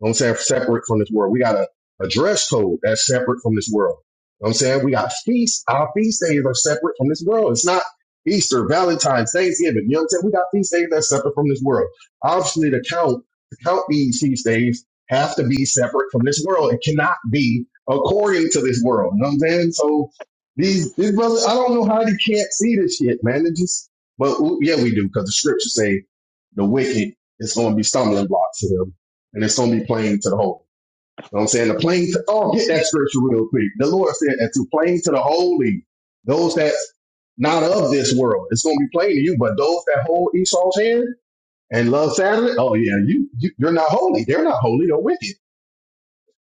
B: You know what I'm saying separate from this world. We got a, a dress code that's separate from this world. You know what I'm saying we got feasts. Our feast days are separate from this world. It's not Easter, Valentine's, Thanksgiving. You know what I'm saying? We got feast days that's separate from this world. Obviously, to count to count these feast days have to be separate from this world. It cannot be according to this world. You know what I'm saying? So these these brothers, I don't know how they can't see this shit, man. It just but yeah, we do because the scriptures say the wicked is going to be stumbling blocks to them and it's gonna be plain to the holy. You know what I'm saying? The plain to oh, get that scripture real quick. The Lord said that to plain to the holy, those that's not of this world, it's gonna be plain to you. But those that hold Esau's hand and love Saturday, oh yeah, you, you you're not holy. They're not holy. They're wicked.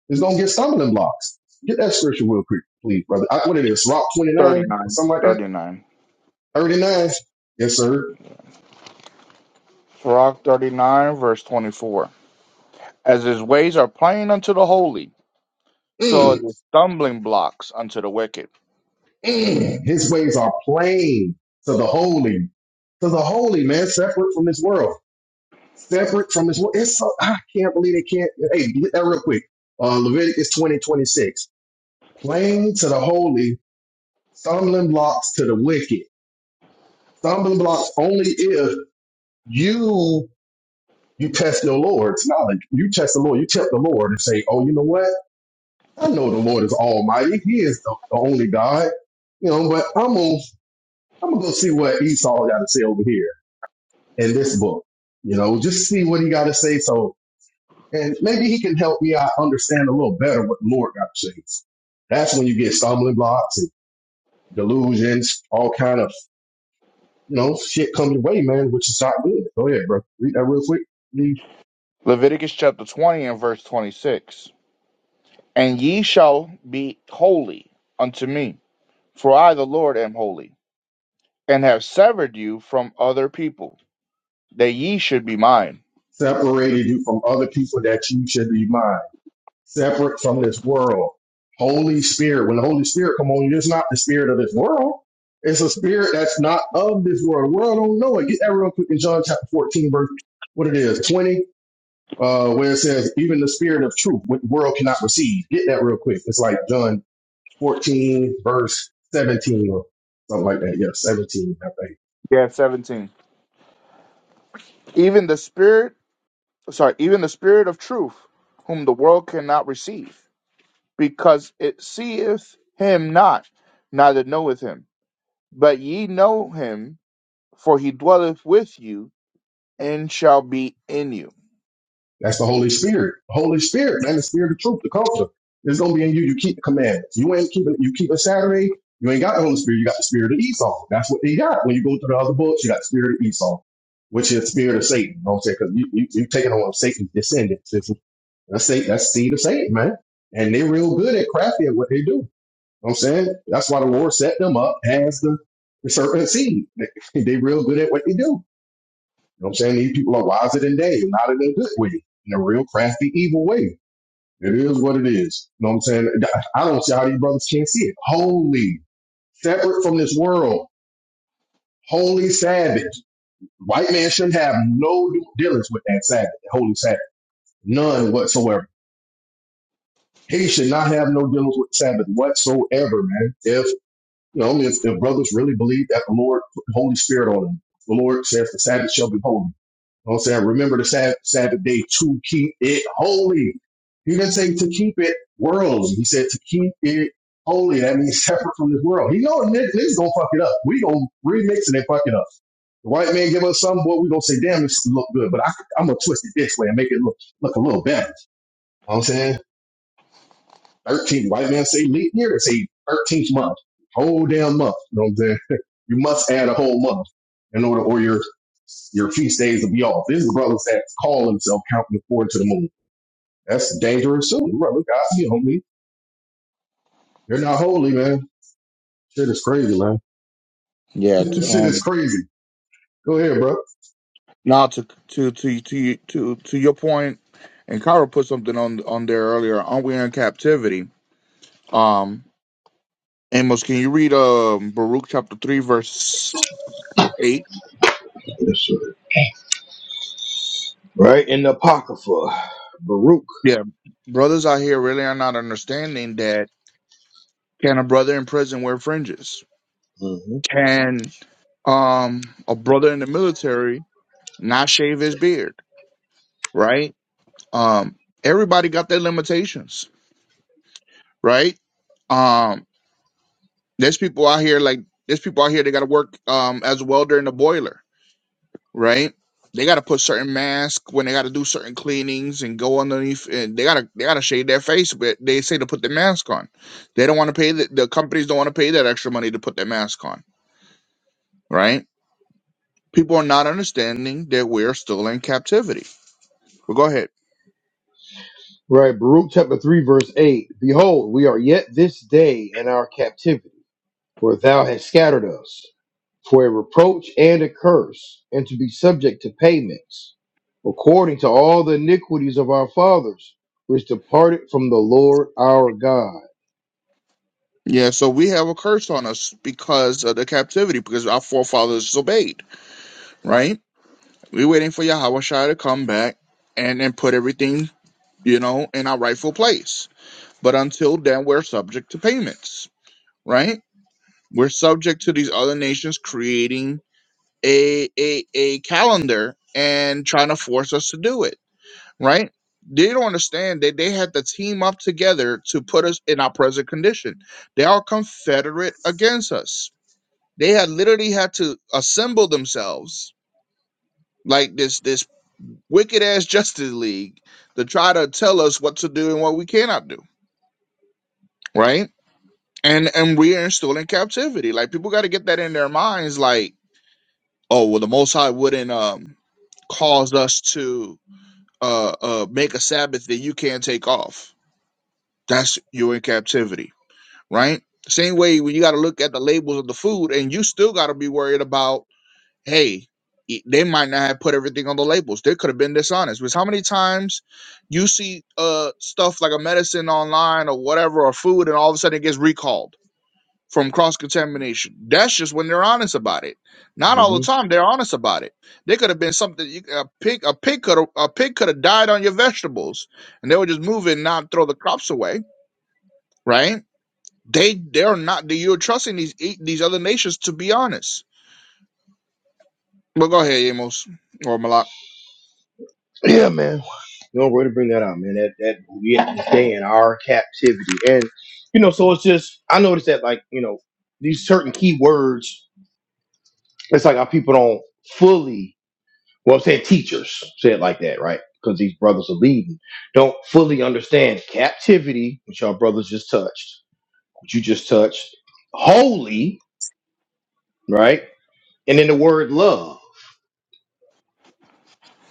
B: It's gonna get stumbling blocks. Get that scripture real quick, please, brother. I, what it is? Rock 29 or
C: 39.
B: something like that.
C: 39.
B: 39. Yes, sir.
C: Sirach 39, verse 24. As his ways are plain unto the holy, so are
B: Mm,
C: the stumbling blocks unto the wicked.
B: mm. His ways are plain to the holy, to the holy man, separate from this world. separate from his wo- It's so I can't believe they can't. Hey, get that real quick. Uh, Leviticus twenty twenty six. Plain to the holy, stumbling blocks to the wicked. Stumbling blocks only if you you test your Lord. It's not like you test the Lord. You tempt the Lord and say, "Oh, you know what? I know the Lord is Almighty. He is the, the only God. You know, but I'm gonna I'm gonna go see what Esau got to say over here in this book. You know, just see what he got to say. So And maybe he can help me out understand a little better what the Lord got to say. That's when you get stumbling blocks and delusions, all kind of, you know, shit come your way, man, which is not good. Go ahead, bro. Read that real quick. He
C: Leviticus chapter 20 and verse 26. And ye shall be holy unto me, for I the Lord am holy. and have severed you from other people, that ye should be mine.
B: separated you from other people that you should be mine, separate from this world. Holy Spirit. When the Holy Spirit come on you, it's not the spirit of this world. It's a spirit that's not of this world. The world don't know it. Get that real quick in John chapter 14, verse, what it is, 20. uh, where it says, even the spirit of truth, which the world cannot receive. Get that real quick. It's like John 14, verse 17 or something like that. Yeah, 17, I think.
C: Yeah, 17. Even the spirit, sorry, even the spirit of truth, whom the world cannot receive, because it seeth him not, neither knoweth him. But ye know him, for he dwelleth with you and shall be in you.
B: That's the Holy Spirit. The Holy Spirit, man, the spirit of truth, the comforter. It's gonna be in you. You keep the commandments. You ain't keeping you keep a Saturday, you ain't got the Holy Spirit, you got the spirit of Esau. That's what they got. When you go through the other books, you got the spirit of Esau, which is the spirit of Satan. You know what I'm saying? Because you, you you taking on Satan's descendants. It's- That's Satan, that's seed of Satan, man. And they're real good at crafty at what they do. You know what I'm saying? That's why the Lord set them up as the, the serpent seed. They, they real good at what they do. You know what I'm saying? These people are wiser than they, not in a good way, in a real crafty, evil way. It is what it is. You know what I'm saying? I don't see how these brothers can't see it. Holy, separate from this world, holy Sabbath. White man shouldn't have no dealings with that Sabbath, the holy Sabbath, none whatsoever. He should not have no dealings with Sabbath whatsoever, man. If You know, if, if brothers really believe that the Lord put the Holy Spirit on them, the Lord says the Sabbath shall be holy. You know what I'm saying? Remember the Sabbath, Sabbath day to keep it holy. He didn't say to keep it worldly. He said to keep it holy. That means separate from this world. He know niggas niggas gonna fuck it up. We gonna remix it and fuck it up. The white man give us something, boy, we gonna say, damn, this look good, but I, I'm gonna twist it this way and make it look, look a little better. You know what I'm saying? Thirteenth White man say leap year, they say 13th month. Whole damn month. You know what I'm saying? You must add a whole month in order, or your, your feast days will be off. There's brothers that call themselves counting according to the moon. That's dangerous too. Brother, God, you know me. You're not holy, man. Shit is crazy, man.
C: Yeah. t-
B: This Shit is
C: Um.
B: crazy. Go ahead, bro.
C: Now to to to to to to your point, and Kyra put something on on there earlier. Aren't we in captivity? Um. Amos, can you read um Baruch chapter three verse eight?
A: Yes, sir. Right in the Apocrypha. Baruch.
C: Yeah. Brothers out here really are not understanding that can a brother in prison wear fringes? Can um a brother in the military not shave his beard? Right? Um everybody got their limitations, right? Um there's people out here like there's people out here that gotta work um as a welder in a boiler right? They got to put certain masks when they got to do certain cleanings and go underneath. And they gotta they gotta shade their face, but they say to put the mask on. They don't want to pay the, the companies don't want to pay that extra money to put their mask on, right? People are not understanding that we're still in captivity. But go ahead.
A: Right, Baruch chapter 3, verse 8. Behold, we are yet this day in our captivity, where thou hast scattered us. for a reproach and a curse, and to be subject to payments, according to all the iniquities of our fathers, which departed from the Lord our God.
C: Yeah, so we have a curse on us because of the captivity, because our forefathers disobeyed, right? We're waiting for Yahweh to come back and and put everything, you know, in our rightful place. But until then, we're subject to payments right? We're subject to these other nations creating a a, a calendar and trying to force us to do it, right? They don't understand that they had to team up together to put us in our present condition. They are confederate against us. They had literally had to assemble themselves like this this wicked ass Justice League to try to tell us what to do and what we cannot do, right? And and we are still in captivity. Like people got to get that in their minds, like oh well the most high wouldn't um cause us to uh uh make a sabbath that you can't take off that's you're in captivity right same way when you got to look at the labels of the food and you still got to be worried about hey e- they might not have put everything on the labels they could have been dishonest because how many times you see uh stuff like a medicine online or whatever or food and all of a sudden it gets recalled from cross contamination. That's just when they're honest about it. Not all the
A: Mm-hmm.
C: time they're honest about it. They could have been something you- a pig a pig could have a pig could have died on your vegetables, and they would just move it and not throw the crops away, right? They they're not you're trusting these e, these other nations to be honest. But go ahead, Amos or Malak.
A: No way to bring that out, man. That that we have to stay in our captivity, and you know, so it's just I noticed that like you know these certain key words, it's like our people don't fully well say teachers say it like that, right? Because these brothers are leading, don't fully understand captivity, which our brothers just touched which you just touched, holy, right? And then the word love,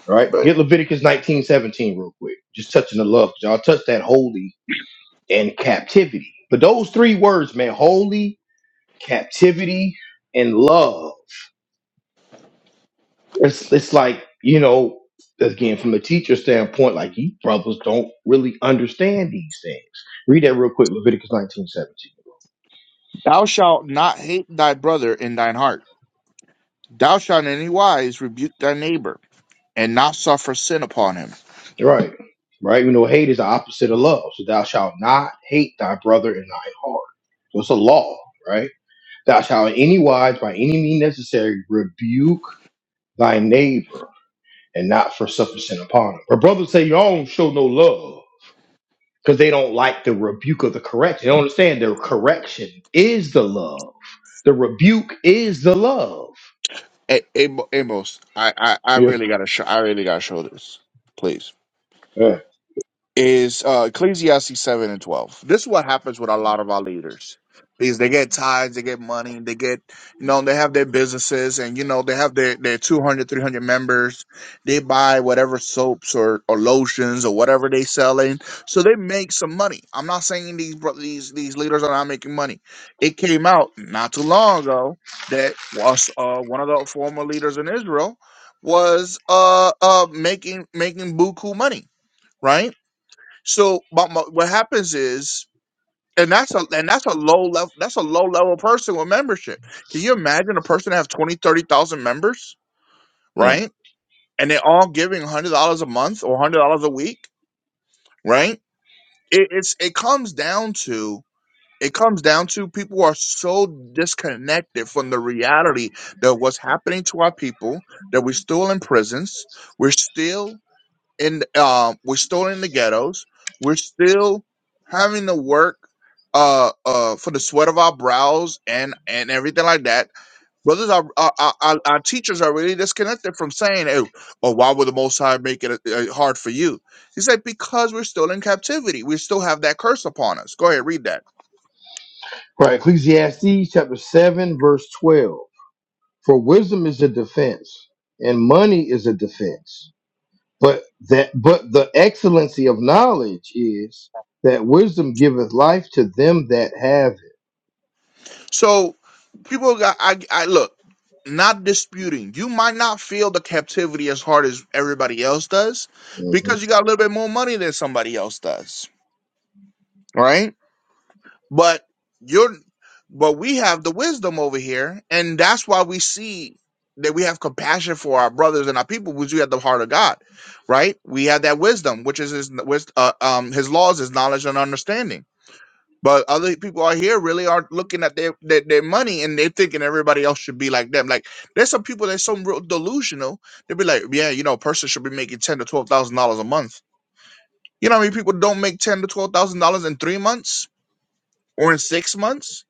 A: right?
C: But
A: Get Leviticus nineteen seventeen real quick. Just touching the love. Y'all touch that holy and captivity. But those three words, man, holy, captivity, and love. It's it's like, you know, again, from a teacher standpoint, like you brothers don't really understand these things. Read that real quick, Leviticus nineteen seventeen.
C: thou shalt not hate thy brother in thine heart. Thou shalt in any wise rebuke thy neighbor, and not suffer sin upon him
A: Right. Right. You know hate is the opposite of love. So thou shalt not hate thy brother in thy heart. So it's a law, right? Thou shalt in any wise, by any means necessary, rebuke thy neighbor and not for sufficient upon him. But brothers say you all don't show no love because they don't like the rebuke of the correction. They don't understand the correction is the love. The rebuke is the love.
C: A- Amo- Amos, I, I, I
A: Yeah.
C: really gotta show I really gotta show this, please
A: yeah.
C: is uh, Ecclesiastes 7 and 12. This is what happens with a lot of our leaders. Is they get ties, they get money, they get, you know, they have their businesses and, you know, they have their, their 200, 300 members. They buy whatever soaps or, or lotions or whatever they selling. So they make some money. I'm not saying these, bro- these, these leaders are not making money. It came out not too long ago that was uh, one of the former leaders in Israel was uh, uh, making, making buku money, right? So my, my, what happens is, and that's a and that's a low level that's a low level person with membership. Can you imagine a person that have 20, 30,000 members,
A: Mm.
C: right? And they're all giving hundred dollars a month or hundred dollars a week, right? It, it's it comes down to it comes down to people are so disconnected from the reality that what's happening to our people that we're still in prisons, we're still in um we're still in the ghettos we're still having to work uh uh for the sweat of our brows and and everything like that brothers our our, our, our our teachers are really disconnected from saying oh, oh why would the most high make it uh, hard for you he said because we're still in captivity we still have that curse upon us go ahead read that
A: Right. Ecclesiastes chapter 7, verse 12. For wisdom is a defense, and money is a defense. But that but the excellency of knowledge is that wisdom giveth life to them that have it.
C: So people got I I look, not disputing. You might not feel the captivity as hard as everybody else does
A: Mhm,
C: because you got a little bit more money than somebody else does, right? But you're but we have the wisdom over here and that's why we see that we have compassion for our brothers and our people which we have the heart of God, right? We have that wisdom which is his which, uh, um his laws, his knowledge and understanding. But other people out here really are not looking at their, their their money and they're thinking everybody else should be like them. Like there's some people that's so real delusional. They'll be like, yeah, you know, a person should be making ten to twelve thousand dollars a month. You know how many people don't make ten to twelve thousand dollars in three months or in six months?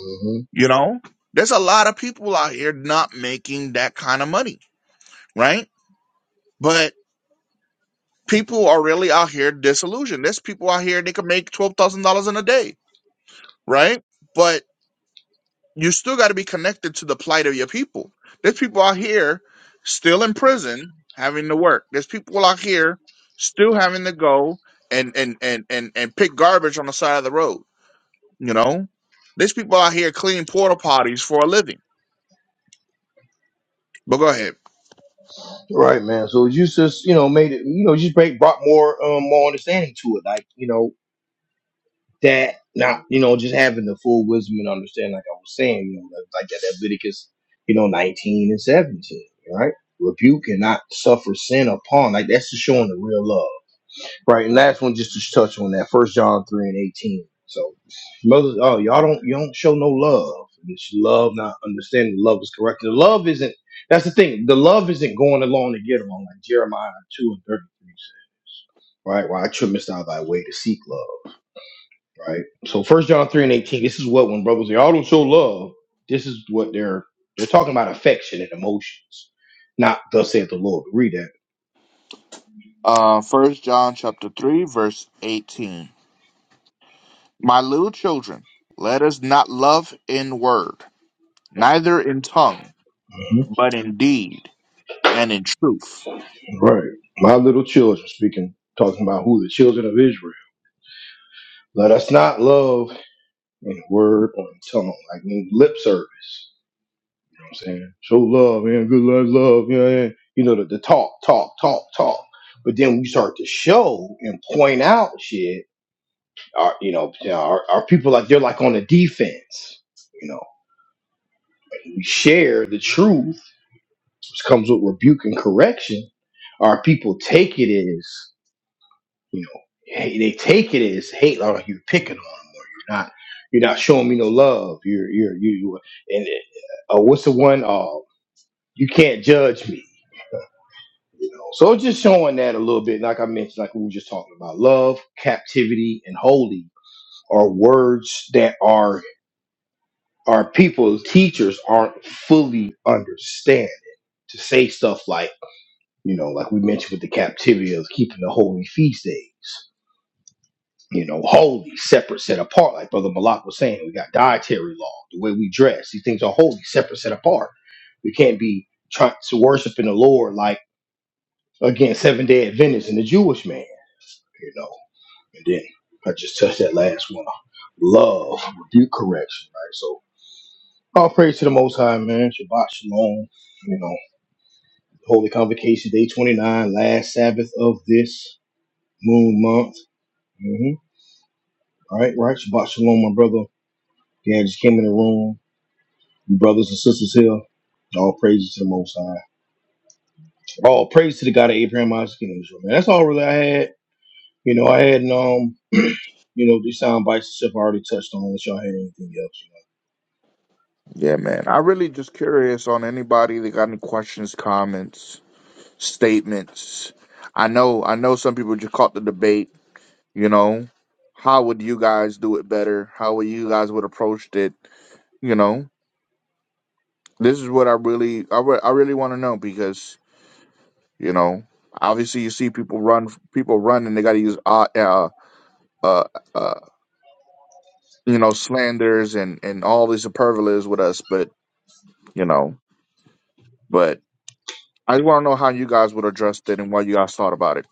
A: mhm.
C: You know? There's a lot of people out here not making that kind of money, right? But people are really out here disillusioned. There's people out here they can make twelve thousand dollars in a day, right? But you still got to be connected to the plight of your people. There's people out here still in prison having to work. There's people out here still having to go and and and and, and pick garbage on the side of the road. You know, there's people out here cleaning porta potties for a living. But go ahead.
A: Right, man. So you just you know made it you know just break, brought more um more understanding to it, like you know that not you know just having the full wisdom and understanding, like I was saying, you know like like that Leviticus you know nineteen and seventeen, right? Rebuke and not suffer sin upon, like that's just showing the real love Right, and last one just to touch on that. First John three and eighteen. So Moses, oh y'all don't you don't show no love. It's love, not understanding. Love is correct. The love isn't. That's the thing. The love isn't going along to get along, like Jeremiah two and thirty three says. Right, why I trimmest out thy way to seek love. Right. So First John three and eighteen. This is what when brothers say, y'all don't show love. This is what they're they're talking about affection and emotions. Not thus saith the Lord. Read that.
C: Uh, First John chapter three verse eighteen. My little children, let us not love in word, neither in tongue, but in deed and in truth.
A: Right. My little children speaking, talking about who the children of Israel. Let us not love in word or in tongue, like in lip service. You know what I'm saying? Show love, man. Good life, love. Yeah, yeah. You know, the, the talk, talk, talk, talk. But then we start to show and point out shit, our, you know, our, our people like they're like on the defense. You know, we share the truth, which comes with rebuke and correction. Our people take it as you know, hey, they take it as hate, like you're picking on them, or you're not, you're not showing me no love. You're, you're, you, you and uh, oh, what's the one? Uh, you can't judge me. You know, so it's just showing that a little bit, like I mentioned, like we were just talking about, love, captivity, and holy are words that are our people, teachers aren't fully understanding to say stuff like, you know, like we mentioned with the captivity of keeping the holy feast days. you know, holy, separate, set apart. Like Brother Malak was saying, we got dietary law, the way we dress. These things are holy, separate, set apart. We can't be trying to worship in the Lord like again Seventh day Adventists and the Jewish man, you know. And then I just touched that last one. Love, rebuke, correction, right? So all praise to the Most High, man. Shabbat shalom. You know, holy convocation day twenty nine, last Sabbath of this moon month. Mm-hmm. All right, right. Shabbat shalom, my brother. Yeah, I just came in the room. brothers and sisters here. All praises to the Most High. All praise to the God of Abraham, Isaac, and Israel. Man, that's all really I had. You know, I had um, you know, these sound bites and stuff I already touched on. Unless y'all had anything else. you know.
C: Yeah, man. I really just curious on anybody that got any questions, comments, statements. I know I know some people just caught the debate, you know. How would you guys do it better? How would you guys would approached it? You know, this is what I really I, re- I really want to know because, you know, obviously you see people run people run and they got to use uh, uh uh uh you know slanders and and all these superlatives with us, but you know, but I just want to know how you guys would address it and what you guys thought about it.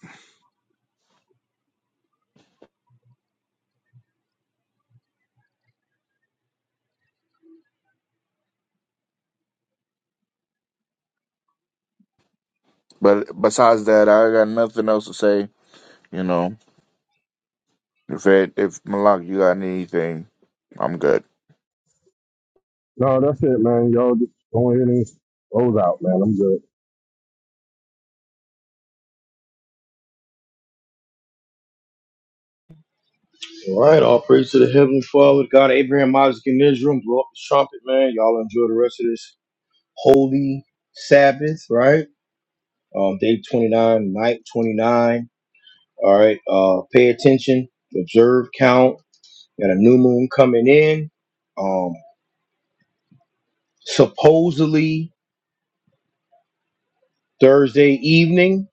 C: But besides that, I got nothing else to say. You know, if it, if Malak, you got anything, I'm good.
B: No, that's it, man. Y'all just go ahead and close out, man. I'm good.
A: So, All right, all praise to the Heavenly Father, the God of Abraham, Isaac, and Israel. Blow up the trumpet, man. Y'all enjoy the rest of this holy Sabbath, right? Um, day twenty nine, night twenty nine. All right. Uh, pay attention, observe, count. Got a new moon coming in. Um, supposedly Thursday evening.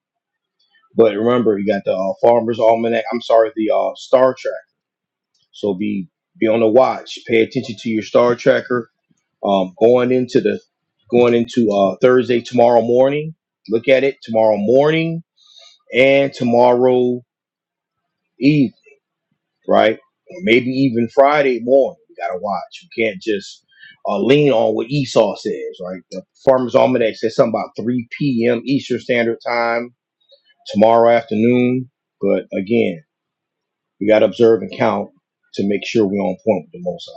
A: But remember, you got the uh, Farmer's Almanac. I'm sorry, the uh, Star Trek. So be be on the watch. Pay attention to your Star Tracker. Um, going into the going into uh, Thursday tomorrow morning. Look at it tomorrow morning and tomorrow evening, right? Or maybe even Friday morning. You gotta watch. You can't just uh, lean on what Esau says, right? The Farmer's Almanac says something about 3 p.m. Eastern Standard Time tomorrow afternoon. But again, we got to observe and count to make sure we're on point with the Most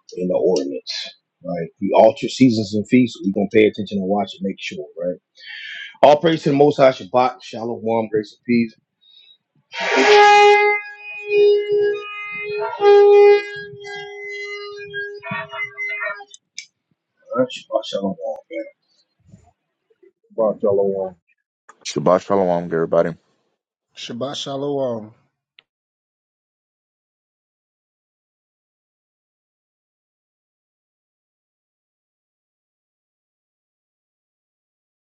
A: High in the ordinance, right? We alter seasons and feasts. We're going to pay attention and watch and make sure, right? All praise to the Most High, Shabbat, Shalom, grace and peace. All right, Shabbat, Shalom. man.
B: Watch y'all on one.
C: Shabbat shalom, everybody.
D: Shabbat shalom.